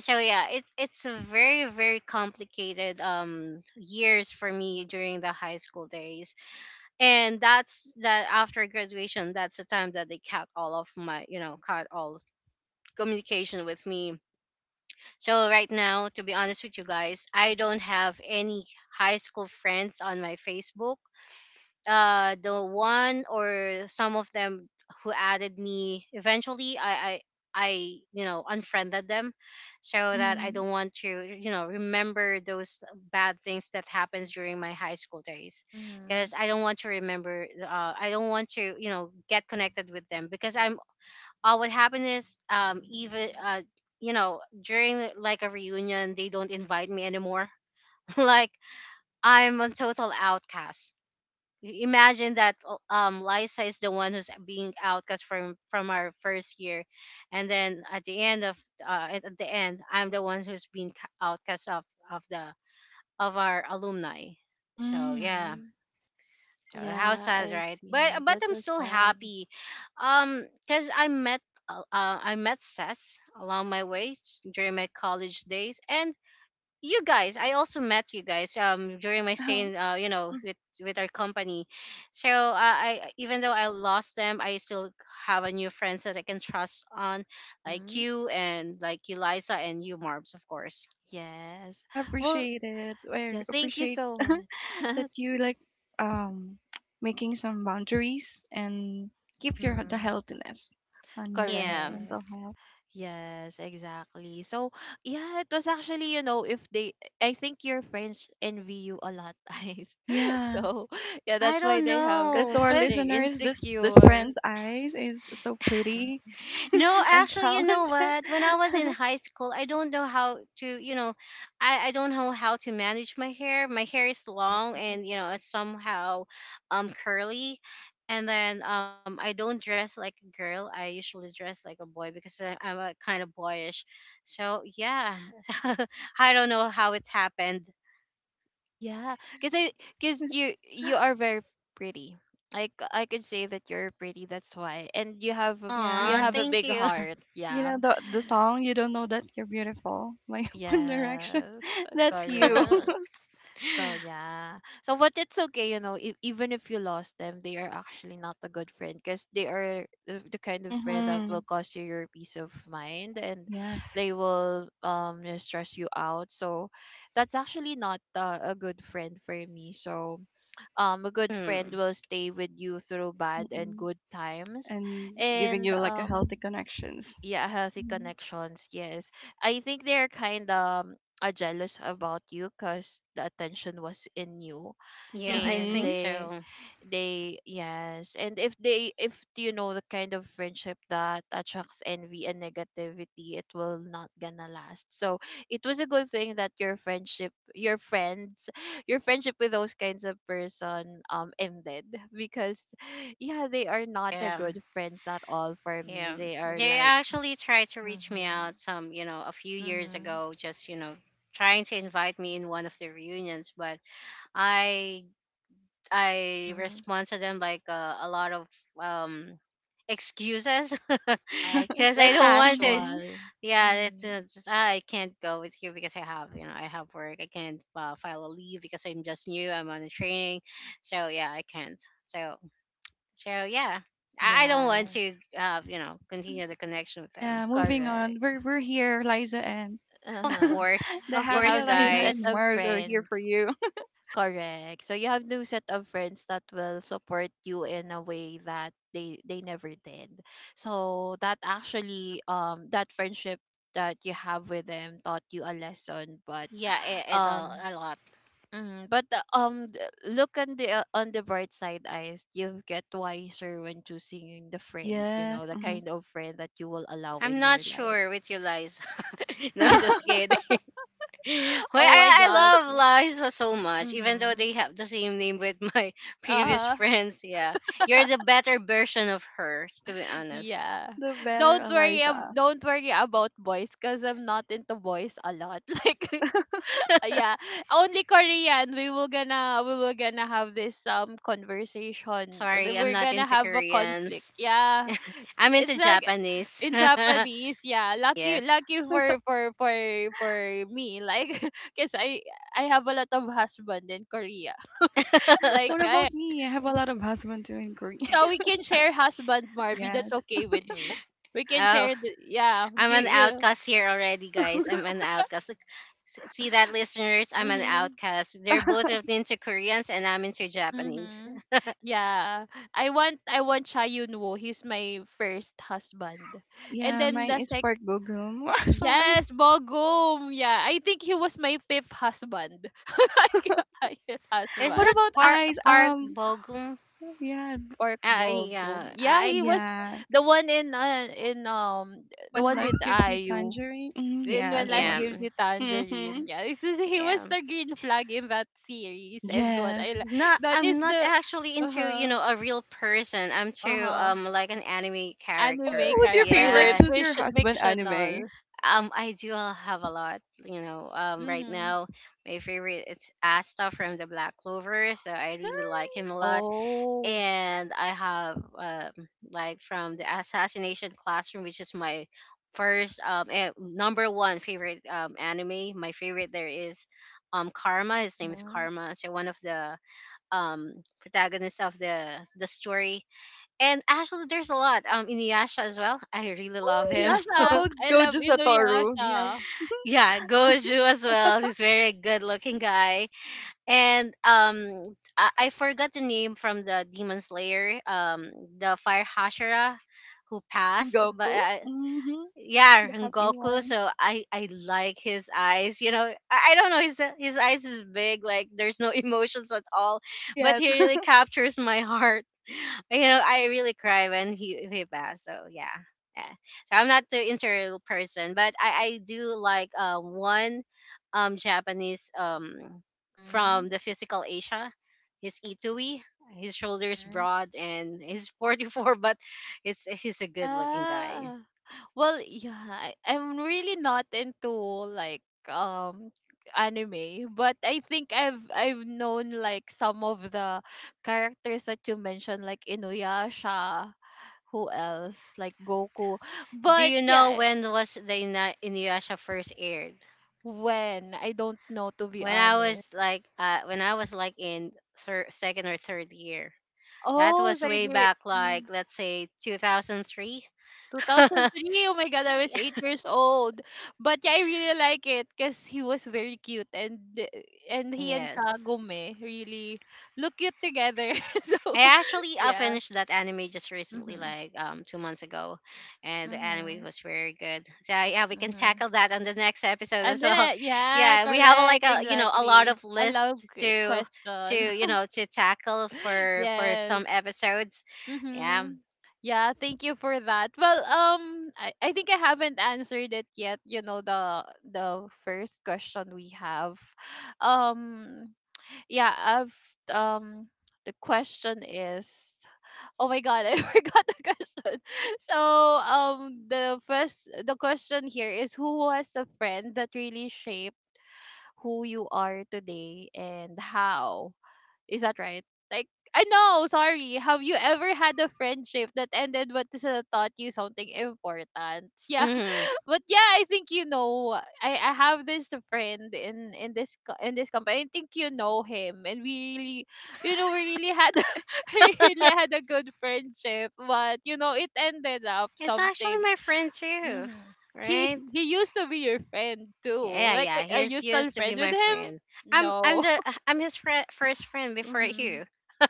B: yeah, it's a very, very complicated years for me during the high school days. And that's that after graduation, that's the time that they cut all of my, you know cut all communication with me. So right now, to be honest with you guys, I don't have any high school friends on my Facebook. The one or some of them who added me eventually, I, you know, unfriended them, so that I
C: Mm-hmm.
B: don't want to, you know, remember those bad things that happens during my high school days, because
A: Mhm.
B: I don't want to remember. I don't want to, you know, get connected with them, because I'm what happened is, even, you know, during like a reunion they don't invite me anymore, (laughs) like, I'm a total outcast. Imagine that, Lisa is the one who's being outcast from our first year, and then at the end of, at the end, I'm the one who's being outcast of the of our alumni. So
C: Mm.
B: yeah.
A: Mhm.
B: House
A: Yeah,
B: size,
A: I
B: right? But
A: see. That's
B: I'm
A: so
B: still
A: sad.
B: happy, because I met Sess along my way during my college days, and you guys, I also met you guys during my
C: (laughs)
B: stay
C: Oh,
B: in, you know,
C: mhm.
B: with our company. So, I even though I lost them, I still have a new friends that I can trust on, like
A: Mhm.
B: you, and like Eliza, and you, Marbs, of course.
A: Yes.
C: I
A: Well,
C: appreciate it. I
A: yeah, thank you
C: appreciate
A: so
C: (laughs) that
A: much. (laughs)
C: you like um (tsk) making some boundaries and keep your the
A: Mhm.
C: healthiness on your
B: Yeah,
A: Correct.
C: mental health.
A: Yes, exactly. So, yeah, it was actually, you know, if they, I think your friends envy you a lot, (laughs) guys.
C: Yeah.
A: So, yeah,
B: I
A: that's why
B: don't
A: they have,
C: Because to
B: know,
C: our
A: they're
B: because...
C: listeners, this
A: insecure.
C: friend's eyes is so pretty
A: Mm-hmm.
C: (laughs)
B: No,
C: and
B: actually, you know
C: talented.
B: what? When I was in high school, I don't know how to, you know, I don't know how to manage my hair. My hair is
A: Mm-hmm.
B: long and, you know, it's somehow curly. And then, I don't dress like a girl. I usually dress like a boy because I'm a kind of boyish. So, yeah. (laughs) I don't know how it's happened.
A: Yeah, because because you are very pretty. I could say that you're pretty. That's why, and you
B: Aw,
C: Yeah,
A: have a
B: thank
A: big
B: you.
A: heart.
C: you
A: Yeah.
C: know the song "You Don't Know That You're Beautiful" by (laughs) One Direction.
A: Yes.
C: (laughs) That's you. (laughs)
A: Correct.
B: (laughs)
A: So yeah. So but it's okay, you know, if even if you lost them, they are actually not a good friend because they are the kind of friend that
C: Mm-hmm.
A: will cost you your peace of mind, and
C: Yes.
A: they will you know, stress you out. So that's actually not a good friend for me. So a good friend
B: Hmm.
A: will stay with you through bad and
C: Mm-mm.
A: good times.
C: And giving
A: And
C: you like a healthy connections.
A: yeah, healthy
C: Mm-hmm.
A: connections, yes. I think they're kind of jealous about you because the attention was in you,
B: Yeah, I
A: and
B: think so.
A: they yes, and if you know, the kind of friendship that attracts envy and negativity, it will not gonna last. So it was a good thing that your friends (laughs) your friendship with those kinds of person ended, because yeah, they are not a
B: Yeah.
A: good friends at all for me.
B: Yeah,
A: They are
B: they
A: like
B: actually tried to reach me out
A: Mhm.
B: some, you know, a few years
A: Mhm.
B: ago, just, you know, trying to invite me in one of the reunions, but I I
A: Mhm.
B: respond to them like, a lot of um excuses. (laughs)
A: Yes,
B: Because I
A: like
B: don't want to.
C: Mm-hmm.
A: casual.
B: Yeah, it's,
A: Mhm.
B: just, "Ah, I can't go with you because I have, you know, I have work. I can't, file a leave because I'm just new. I'm on a training. So, yeah, I can't." So, yeah, I don't want to,
A: Yes.
B: you know,
A: Mhm.
B: continue the connection
C: (laughs)
B: with them.
C: Yeah. Moving on.
A: Correct.
C: We're here, Liza and (laughs)
A: Uh-huh.
C: the
B: Of
A: You
C: happy
B: course,
A: have new
C: Eliza
A: set
C: and
B: guys.
A: of
C: Mars are here
A: friends.
C: for you.
A: Correct. So you have new set of friends that will support you in a way that they never did. So that actually that friendship that you have with them taught you a lesson, but
B: Yeah,
A: um
B: a lot.
A: Hmm. But look on the bright side, eyes. You get wiser when choosing the
C: (laughs)
A: friend. You know
C: Yes.
A: the
C: Hmm.
A: kind of friend that you will allow
B: I'm
A: in
B: not
A: your life.
B: sure with you, Liza. (laughs) No, just
A: (laughs)
B: kidding. (laughs) Well, I,
A: Oh my
B: I
A: god.
B: love Liza so much, even though
A: Mm-hmm.
B: they have the same name with my (laughs) previous
A: Uh
B: friends. Yeah, you're
A: huh.
B: the
A: (laughs)
B: better version of her, to be honest.
A: Yeah.
C: The better,
A: Don't worry.
C: Eliza.
A: Don't worry about boys, cause I'm not into boys a lot. (laughs) Like yeah, only Korean. We will gonna have this conversation.
B: Sorry, I'm
A: We're
B: not
A: gonna
B: into
A: have a conflict.
B: Koreans.
A: Yeah,
B: I'm into
A: it's like
B: Japanese.
A: in Japanese, yeah.
B: (laughs)
A: Lucky
B: Yes.
A: lucky for me. Like (laughs) because I have a lot of husband in Korea. (laughs) Like
C: What
B: (laughs)
A: I
C: about me? I have a lot of husband to include. (laughs)
A: so we can share husband, Marby. That's
C: Yes.
A: okay with me. We can
B: Oh.
A: share the yeah.
B: I'm
A: You
B: an
A: you
B: outcast here already, guys. I'm an outcast. Look, see that, listeners? I'm an
A: mhm.
B: outcast. They're
C: (laughs)
B: into Koreans, and I'm into Japanese.
A: Mhm. Yeah. I want Cha Yun-woo. He's my first husband. And
C: Yeah,
A: then
C: mine
A: the
C: is
A: sec
C: Pork Bogum. (laughs) Sorry.
A: Yes, Bogum. Yeah, I think he was my fifth husband. (laughs) Like, highest
B: Is
C: What
A: husband.
B: that
C: about
B: Park
C: eyes?
B: Park Bogum?
C: Yeah,
A: Park
B: Yeah,
A: Bogum. Yeah,
B: I
A: he was
C: yeah.
A: the one in the
C: One
A: one
C: life
A: with
C: gives you
A: Ayu
C: tangerine. Mm,
A: In When
C: yes, the
A: Life
C: one.
A: Gives
B: am.
A: You
C: Mm-hmm.
A: Tangerine. Yeah, this is, he
B: Yeah.
A: was the green flag in that series and what
C: Yes.
A: I
B: Not,
A: that is
B: I'm not
A: the
B: actually into, you
A: uh-huh
B: know, a real person. I'm to,
A: uh-huh
B: like, an anime
C: Oh,
A: anime
C: who's
B: characters.
C: your
A: character like
C: favorite?
B: Yeah.
C: Who's your
A: fish,
C: husband anime?
A: fictional.
B: I do have a lot, you know. Right
A: Mhm.
B: now, my favorite it's Asta from the Black Clover, so I
C: Nah.
B: really like him a lot.
A: Oh.
B: And I have, like from the Assassination Classroom, which is my first, number one favorite anime. My favorite there is, Karma. His name is
A: Mhm.
B: Karma. So one of the protagonists of the story. And actually, there's a lot, Inuyasha as well. (laughs) I really love him.
C: Ooh.
A: Inuyasha.
C: How
B: (laughs)
C: about
A: I love
C: Gojo Satoru? Do
A: Inuyasha.
C: you have
B: Yeah, Goju as well. He's very good looking guy. And, I forgot the name from the Demon Slayer, the fire hashira who passed, but
C: Rengoku?
B: I,
C: Mm-hmm.
B: yeah,
C: The happy
B: Rengoku.
C: one. (laughs)
B: So I like his eyes. You know, I don't know. His eyes is big. Like there's no (laughs) emotions at all, but
C: Yes.
B: he really captures my heart. (laughs) You know, I really cry when he passed. So yeah. Yeah. So I'm not the interior person, but I do like one Japanese
A: Mm-hmm.
B: from the physical Asia. He's Itui. His shoulders
A: Mm-hmm.
B: broad and he's 44, (laughs) but it's he's a good looking guy.
A: Yeah. Well, yeah, I'm really not into like um anime, but I think I've known like some of the characters that you mentioned, like Inuyasha. Who else? Like Goku.
B: Do
A: But
B: you know
A: yeah,
B: when was the Inuyasha first aired?
A: when I don't know to be
B: When I
A: honest.
B: was like, when I was like in second or third year. That
A: Oh,
B: was
A: they're
B: way
A: there.
B: back, like let's say 2003. (laughs)
A: 2003. Oh my god, I was 8 years old. But yeah, I really like it cuz he was very cute, and and he and
B: yes.
A: Kagome really look cute together. (laughs) So,
B: I actually
A: yeah.
B: finished that anime just recently,
A: Mhm.
B: like 2 months ago, and the anime
A: Mhm.
B: was very good. So yeah, we can
A: Mhm.
B: tackle that on the next episode
A: And
B: as
A: then
B: well. (laughs)
A: yeah,
B: Yeah, we have a, like
A: correct,
B: a, you know, a lot
A: exactly.
B: of
A: I love
B: lists to
A: questions.
B: you know to tackle
A: (laughs)
B: for some
A: Yes.
B: episodes. Yeah.
A: Mm-hmm. Yeah, thank you for that. Well, I think I haven't answered it yet. You know the first question we have, (sighs) um, yeah, I've um, the question is, oh my god, I (laughs) forgot the question. (laughs) So the question here is who was the friend that really shaped who you are today and how. Is that right? Like, I know, sorry. Have you ever had a friendship that ended but this, taught you something important? (laughs) Yeah.
B: hmm
A: But yeah, I think you know I have this friend in in this company. I think you know him and we really we really had (laughs) we really had a good friendship, but you know it ended up
B: it's actually
A: something.
B: my friend too,
A: Mhm.
B: right?
A: He used to be your friend too.
B: Yeah,
A: Like are
B: he's
A: you still
B: used to be
A: friend with
B: my
A: him?
B: friend. I'm
A: No.
B: the I'm his fri first friend
A: (laughs)
B: before
A: hmm
B: you.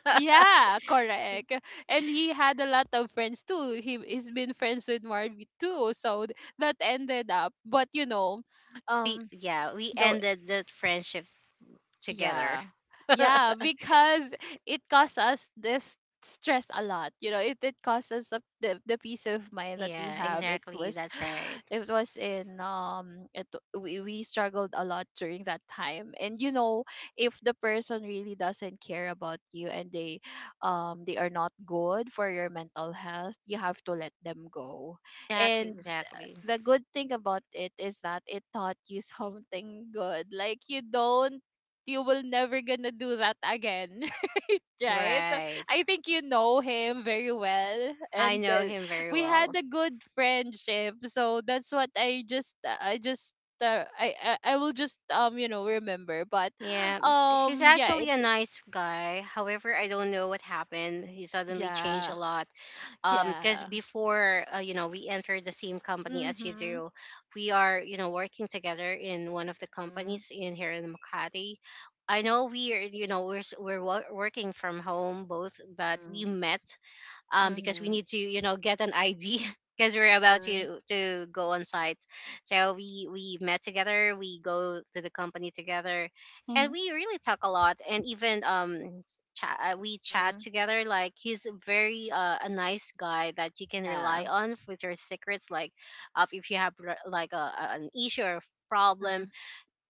A: yeah, correct. And he had a lot of friends too. He's been friends with Marvy too. So that ended up. But you know,
B: We,
A: um,
B: yeah, we
A: the
B: ended the friendship together.
A: yeah.
B: (laughs)
A: Yeah, because it costs us this stress a lot. You know, it costs us the peace of mind that we
B: Yeah,
A: have. It
B: exactly.
A: was
B: That's right.
A: (sighs) it was in it we struggled a lot during that time. And you know, if the person really doesn't care about you and they are not good for your mental health, you have to let them go.
B: Exactly,
A: And
B: exactly.
A: the good thing about it is that it taught you something good. Like you don't you will never gonna do that again. (laughs) Right,
B: Right.
A: I think you know him very well,
B: I
A: and
B: know him very
A: we had
B: well.
A: a good friendship, so that's what I just I will just you know remember, but
B: Yeah, he's
A: yeah
B: actually a
A: it,
B: nice guy. However, I don't know what happened. He suddenly changed
A: yeah
B: a lot. Because
A: yeah
B: before, you know, we entered the same company as you
A: mhm
B: do. We are, you know, working together in one of the
A: mhm
B: companies in here in Makati. I know we are, you know, we're working from home both, but we
A: mhm
B: met because we
A: mhm
B: need to, you know, get an ID (laughs) because we're about
A: mhm
B: to go on site. So we met together, we go to the company together, and
C: (laughs)
B: we really talk a lot, and even chat, we chat
A: mhm
B: together. Like he's a very a nice guy that you can rely
A: yeah
B: on with your secrets, like of if you have like an issue or problem.
A: mhm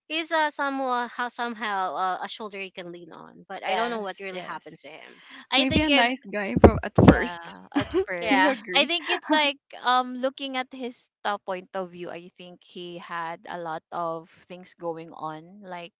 B: He's somehow a shoulder you can lean on, but I don't know what
A: yes
B: really
A: yes
B: happens to him.
A: I
C: Maybe a
A: think in
C: nice guy from at first.
A: Yeah,
C: (laughs)
A: at
C: Do you
A: first.
B: Yeah.
A: I
C: agree?
A: think it's like looking at his point of view, I think he had a lot of things going on. Like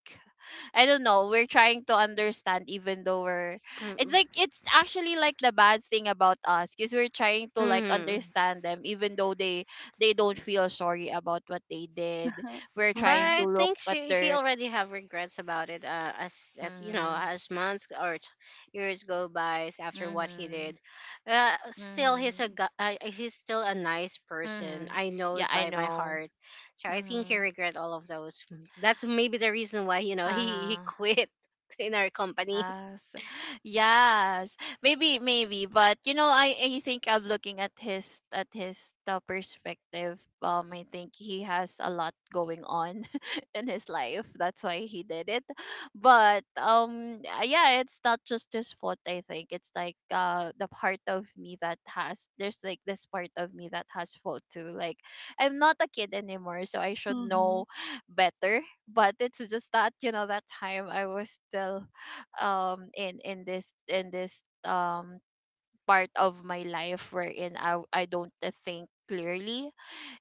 A: I don't know, we're trying to understand even though we're it's like it's actually like the bad thing about us because we're trying to like
B: Mm-hmm.
A: understand them even though they don't feel sorry about what they did.
C: (laughs)
A: We're
B: But
A: trying to
B: I
A: look
B: think
A: at
B: she he
A: their
B: already have regrets about it. As you know,
A: hmm
B: as months or years go by after what he
A: mm-hmm,
B: did, still he's a
A: mm-hmm,
B: he's still a nice person.
A: mm-hmm.
B: I know
A: Yeah,
B: it
A: I
B: by my
A: know.
B: heart. So I think he
A: Mm-hmm.
B: regret all of those. That's maybe the reason why, you know, he
A: Uh-huh.
B: quit (laughs) in our company. (laughs)
A: Yes. Yes. Maybe, maybe. But you know, I think I'm looking at his the perspective. I think he has a lot going on (laughs) in his life. That's why he did it. But yeah, it's not just his fault, I think. It's like there's like this part of me that has fault too. Like I'm not a kid anymore, so I should
C: Mm-hmm.
A: know better. But it's just that, you know, that time I was still in this in this part of my life wherein I don't think clearly.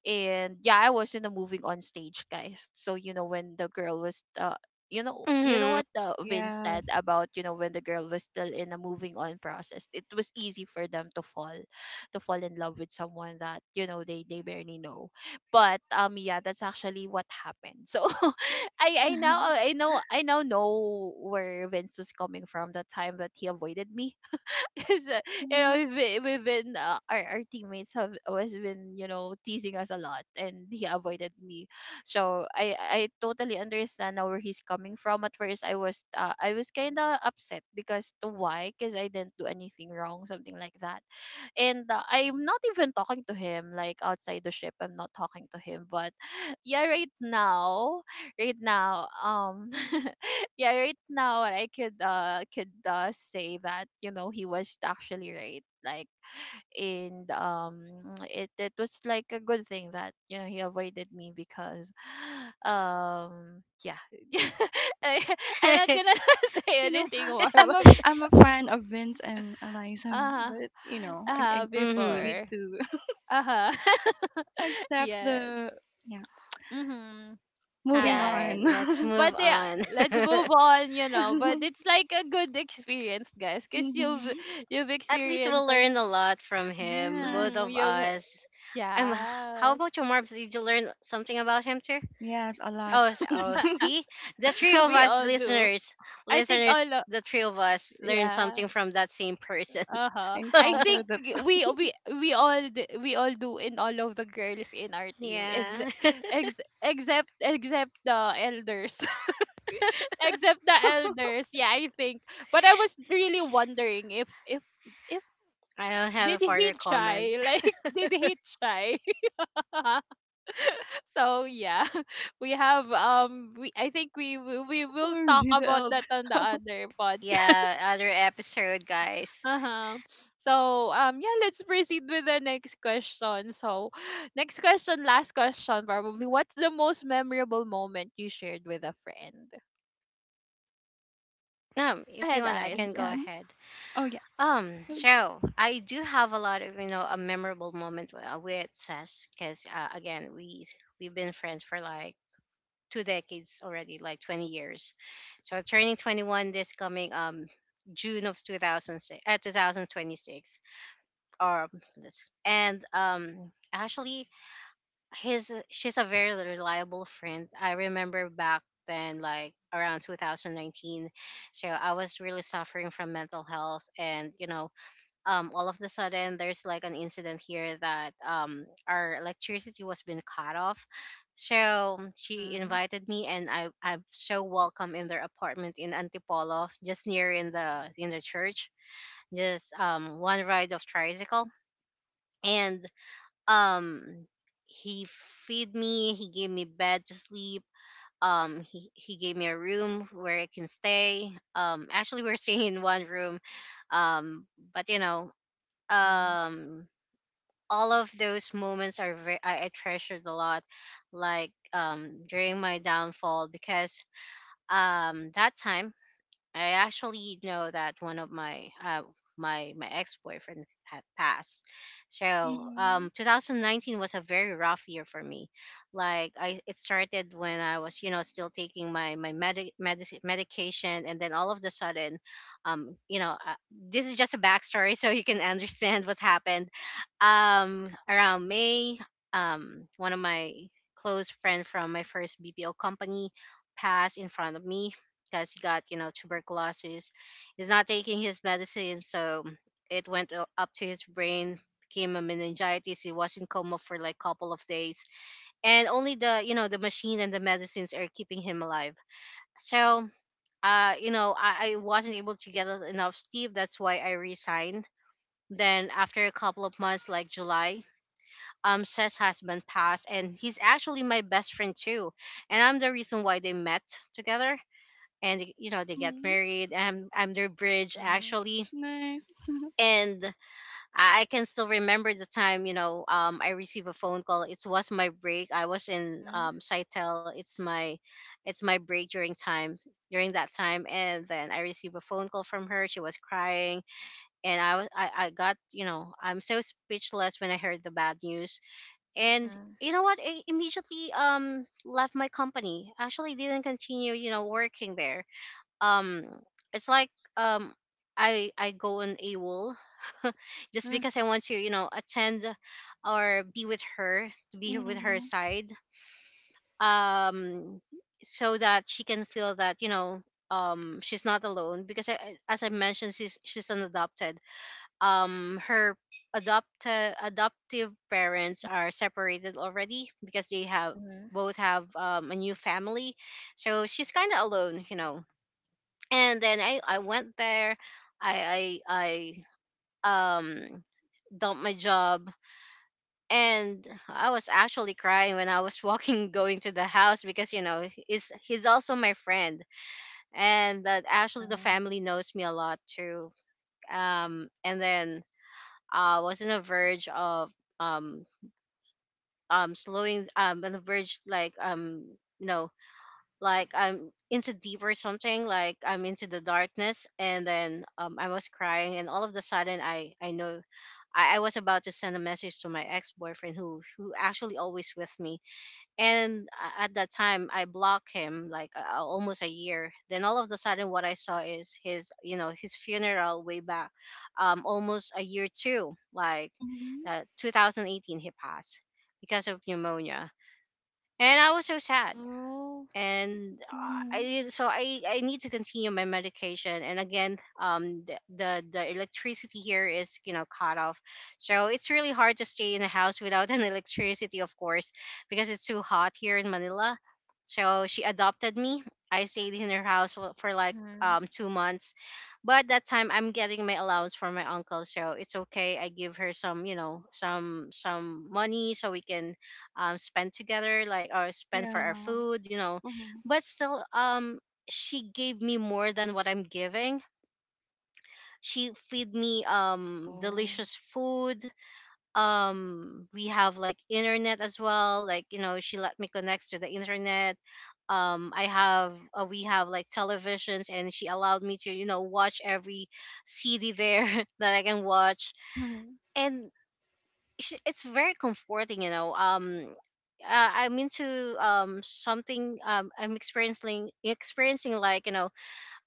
A: And yeah, I was in the moving on stage, guys. So you know when the girl was you know
B: Mhm.
A: what Vince said
C: Yes.
A: about when the girl was still in a moving on process, it was easy for them to fall in love with someone that they barely know. But yeah, that's actually what happened. So (laughs) i i now
C: (laughs)
A: i know i now know where Vince was coming from, the time that he avoided me (laughs) is that, you know,
C: Mm,
A: we've been our teammates have always been, you know, teasing us a lot, and he avoided me. So I totally understand now where he's coming from. At first I was I was kind of upset, because to why? Because I didn't do anything wrong, something like that. And I'm not even talking to him, like, outside the ship, I'm not talking to him, but (laughs) yeah, right now, right now, um, (laughs) yeah, right now, I could, say that, you know, he was actually right, like, and it was like a good thing that, you know, he avoided me, because (gasps) (sighs) yeah, (laughs) I, I'm not gonna (laughs) say
C: you know,
A: anything more, but
C: I'm a fan of Vince and Eliza,
A: uh-huh,
C: but you know,
A: uh-huh.
C: we
B: Mhm.
C: need
A: Before
C: to
A: uh-huh.
C: (laughs)
A: (laughs)
C: accept
A: Yes.
C: the, yeah.
A: Mm-hmm.
B: All
C: Moving
A: Yeah.
B: right, let's
C: on.
A: But
B: move
A: yeah,
B: on.
A: let's
B: (laughs)
A: move on, you know. But it's
C: (laughs)
A: like a good experience, guys, because
C: Mm-hmm.
A: you've
B: At least we'll
A: experienced like
B: learn a lot from him,
C: Yes,
B: both
A: mm-hmm,
B: of
A: you've
B: us. Um, h- how
A: yeah.
B: about your Marbs? Did you learn something about him too?
C: yes, a lot.
B: Oh,
A: (laughs)
B: see, the three of
A: we
B: us
A: all do.
B: listeners,
A: I think
B: listeners, the three of us learned
A: yeah.
B: something from that same person. (laughs)
A: Uh-huh. I
C: Encounter
A: think
C: the
A: we we all do in all of the girls in our team
B: Yeah,
A: except
B: (laughs)
A: ex- except the elders. Except the elders, yeah, I think. But I was really wondering if if
B: I don't have a
A: did he
B: further comment.
A: try, (laughs)
B: (laughs)
A: like, did he try? (laughs) so yeah, (laughs) we have we I think we will talk
C: OMG, (laughs) the
A: about that
C: eldest.
A: on the
C: (laughs)
A: other podcast.
B: Yeah, other episode,
A: (laughs)
B: guys.
A: uh-huh. So yeah, let's proceed with the next question. So (sighs) next question, last question probably, what's the most memorable moment you shared with a friend? Go
B: If you
A: ahead,
B: want, I
A: Eyes.
B: can go
C: Hmm.
A: Yes.
B: ahead.
C: Oh yeah.
B: So I do have a lot of, you know, a memorable moment with Sess because again we've been friends for like two decades already, like 20 years. So turning 21 this coming June of 2006, 2026. Or this- and actually his she's a very reliable friend. I remember back then like around 2019. So I was really suffering from mental health, and, you know, all of the sudden there's like an incident here that, our electricity was being cut off. So, she
A: Mm-hmm.
B: invited me, and I, I'm so welcome in their apartment in Antipolo, just near in the church, just one ride of tricycle, and um, he feed me, he gave me bed to sleep. He gave me a room where I can stay. Actually, we're (laughs) staying in one room. Um, but you know,
A: Mm-hmm.
B: um all of those moments are very, I treasured a lot, like during my downfall because that time I actually know that one of my my ex boyfriend had passed. So
C: Mm-hmm.
B: 2019 was a very rough year for me. Like I, it started when I was, you know, still taking my medication, and then all of the sudden, you know, this is just a backstory (laughs) so you can understand what happened. Around May, one of my close friend from my first BPO company passed in front of me because he got, you know, tuberculosis. He's not taking his medicine, so it went up to his brain, became a meningitis. He was in coma for like couple of days, and only the, you know, the machine and the medicines are keeping him alive. So, you know, I wasn't able to get enough sleep. That's why I resigned. Then after a couple of months, like July, Seth's husband passed, and he's actually my best friend too, and I'm the reason why they met together, and, you know, they get
C: Mm-hmm.
B: married. I'm their bridge
A: Mm-hmm.
B: actually.
C: Nice. (laughs)
B: And I can still remember the time, you know, I received a phone call. It was my break. I was in
A: Mhm,
B: Saitel. It's my it's my break during time during that time, and then I received a phone call from her. She was crying, and I got, you know, I'm so speechless when I heard the bad news. And
A: mhm,
B: you know what, I immediately left my company, actually didn't continue, you know, working there. Um it's like um I go on a wall (laughs) just
A: mm,
B: because I want to, you know, attend or be with her, to be with her
C: Mm-hmm.
B: side, um so that she can feel that, you know, she's not alone because as I mentioned, she's an adopted, her adoptive parents are separated already because they have
A: mhm.
B: both have a new family. So she's kind of alone, you know, and then I went there. I I I dumped my job, and I was actually crying when I was walking (laughs) going to the house because, you know, he's also my friend, and that actually the
A: Yeah.
B: family knows me a lot too. And then I was on the verge of um slowing on the verge, like, you know, like I'm into deep or something, like I'm into the darkness, and then I was crying, and all of the sudden I was about to send a message to my ex boyfriend who actually always with me, and a- at that time I blocked him, like, almost a year. Then all of the sudden what I saw is his, you know, his funeral way back, almost a year too, like
C: Mhm,
B: 2018 he passed because of pneumonia. And I was so sad,
A: Oh,
B: and
C: mhm,
B: I so I need to continue my medication. And again, the the electricity here is, you know, cut off, so it's really hard to stay in a house without (laughs) an electricity, of course, because it's too hot here in Manila. So she adopted me. I stayed in her house for like
A: mhm.
B: 2 months, but that time I'm getting my allowance from my uncle, so it's okay. I give her some, you know, some money so we can spend together, like or spend for our
C: yeah,
B: food, you know.
C: mhm,
B: But still she gave me more than what I'm giving. She feed me
A: Oh.
B: delicious food. We have like internet as well. Like, you know, she let me connect to the internet. I have We have like televisions, and she allowed me to, you know, watch every CD there (laughs) that I can watch.
C: mhm,
B: And sh- it's very comforting, you know. I'm into something, I'm experiencing, like, you know,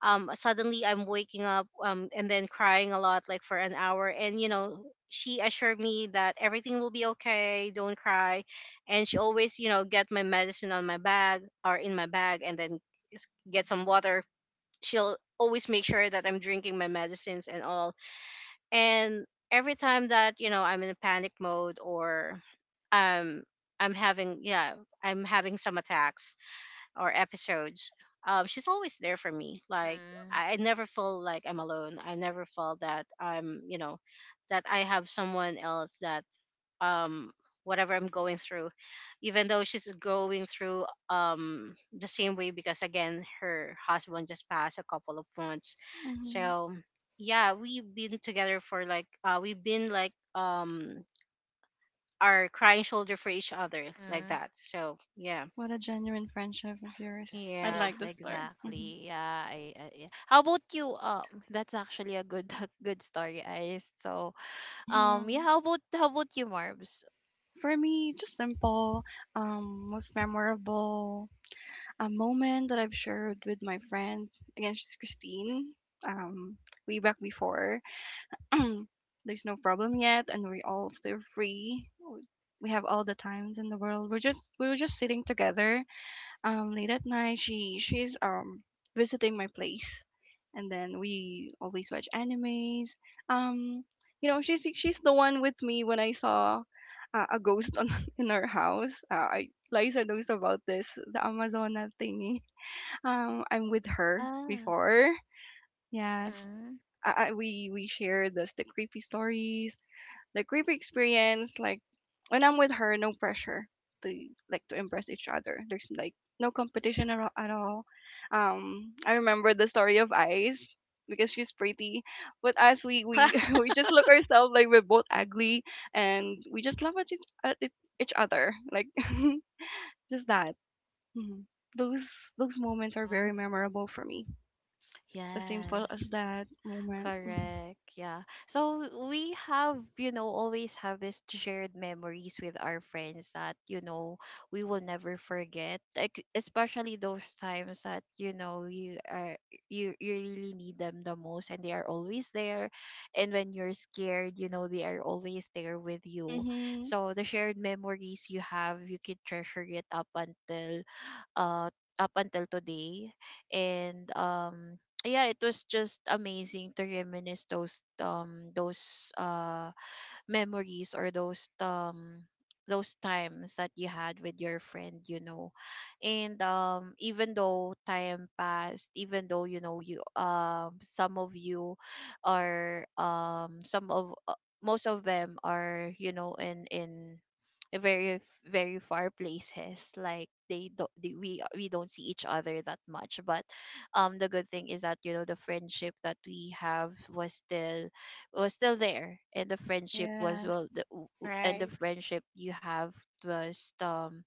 B: suddenly I'm waking up and then crying a lot like for an hour, and, you know, she assured me that everything will be okay, don't cry, and she always, you know, get my medicine on my bag or in my bag, and then get some water. She'll always make sure that I'm drinking my medicines and all, and every time that, you know, I'm in a panic mode or um i'm having yeah I'm having some attacks or episodes, she's always there for me. Like
A: Mhm,
B: I never feel like I'm alone. I never felt that I'm, you know, that I have someone else that, um whatever I'm going through, even though she's going through the same way because, again, her husband just passed a couple of months.
C: mhm.
B: So yeah, we've been together for like we've been like our crying shoulder for each other like
A: mhm.
B: that. So yeah.
C: What a genuine friendship of yours.
A: Yes,
C: I
B: Yeah.
A: yes,
C: like the story. Mhm,
A: exactly. Yeah, I yeah. How about you? That's actually a good (laughs) good story, Ice. So, yeah.
C: mhm.
A: How about you, Marbs?
C: For me, just simple, most memorable, a moment that I've shared with my friend. Again, she's Christine. Um, way back before. (clears throat) There's no problem yet, and we're all still free. We have all the times in the world. We were just sitting together late at night. She she's Visiting my place, and then we always watch animes. um you know, she's the one with me when I saw a ghost on, (laughs) in our house. I, Liza knows about this, the Amazona thingy. I'm with her
A: Yes.
C: before. Yes.
A: Mhm.
C: We share this, the creepy stories, like we've experienced, like when I'm with her, no pressure to like to impress each other. There's like no competition at all. At all. I remember the story of Ice because she's pretty, but us, we (laughs) we just
B: (laughs)
C: look ourselves like we're both ugly, and we just laugh at each other like (laughs) just that. Mhm. Those moments are
A: Aw.
C: very memorable for me. As simple as
A: Yes.
C: that moment. Mm-hmm.
A: Correct. Yeah. So we have, you know, always have this shared memories with our friends that, you know, we will never forget. Like especially those times that, you know, you are you really need them the most, and they are always there. And when you're scared, you know, they are always there with you.
C: Mm-hmm.
A: So the shared memories you have, you can treasure it uh up until today. And yeah, it was just amazing to reminisce those memories, or those times that you had with your friend, you know. And even though time passed, even though, you know, you some of you are some of most of them are, you know, in a very very far places, like they don't we don't see each other that much. But the good thing is that, you know, the friendship that we have was still there, and the friendship was
C: Yes.
A: well, and the
B: Right.
A: friendship you have was um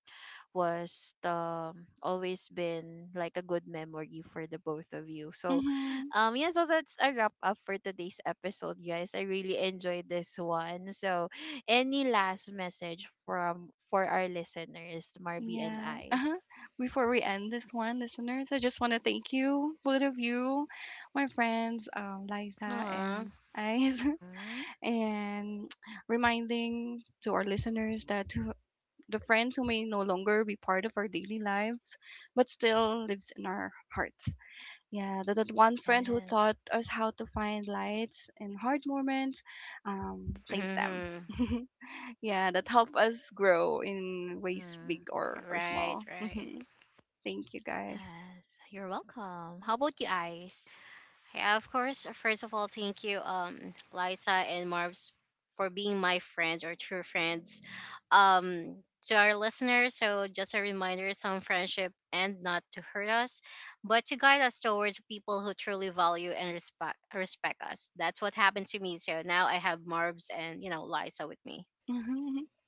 A: was always been like a good memory for the both of you. So
C: Mm-hmm.
A: yeah, so that's a wrap up for today's episode, guys. I really enjoyed this one. So any last message from for our listeners, Marby and
C: Yeah.
A: Ice?
C: Uh-huh. Before we end this one, listeners, I just want to thank you, both of you, my friends, Liza
B: Aw.
C: and Eyes,
A: Mm-hmm.
C: (laughs) and reminding to our listeners that to the friends who may no longer be part of our daily lives, but still lives in our hearts. Yeah, that one friend who
A: Yes.
C: taught us how to find lights in hard moments, thank them.
B: Hmm.
C: (laughs) Yeah, that helped us grow in ways
A: Mm-hmm.
C: big or
B: Right,
C: small.
B: right.
C: (laughs) Thank you guys.
A: Yes, you're welcome. How about you, Ice?
B: Yeah, of course, first of all, thank you, Liza and Marbs, for being my friends or true friends. Um, to our listeners, so just a reminder, some friendship and not to hurt us, but to guide us towards people who truly value and respect us. That's what happened to me. So now I have Marbs and, you know, Liza with me.
C: (laughs)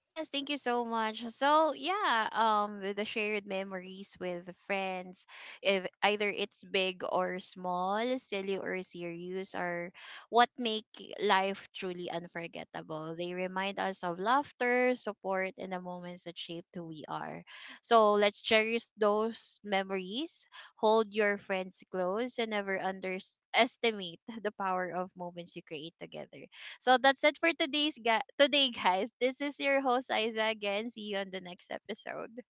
A: Yes, thank you so much. So yeah, with the shared memories with the friends, if either it's big or small, silly or serious, are what make life truly unforgettable. They remind us of laughter, support, and the moments that shaped who we are. So let's cherish those memories. Hold your friends close, and never underestimate the power of moments you create together. So that's it for today, guys. This is your host Isa again. See you on the next episode.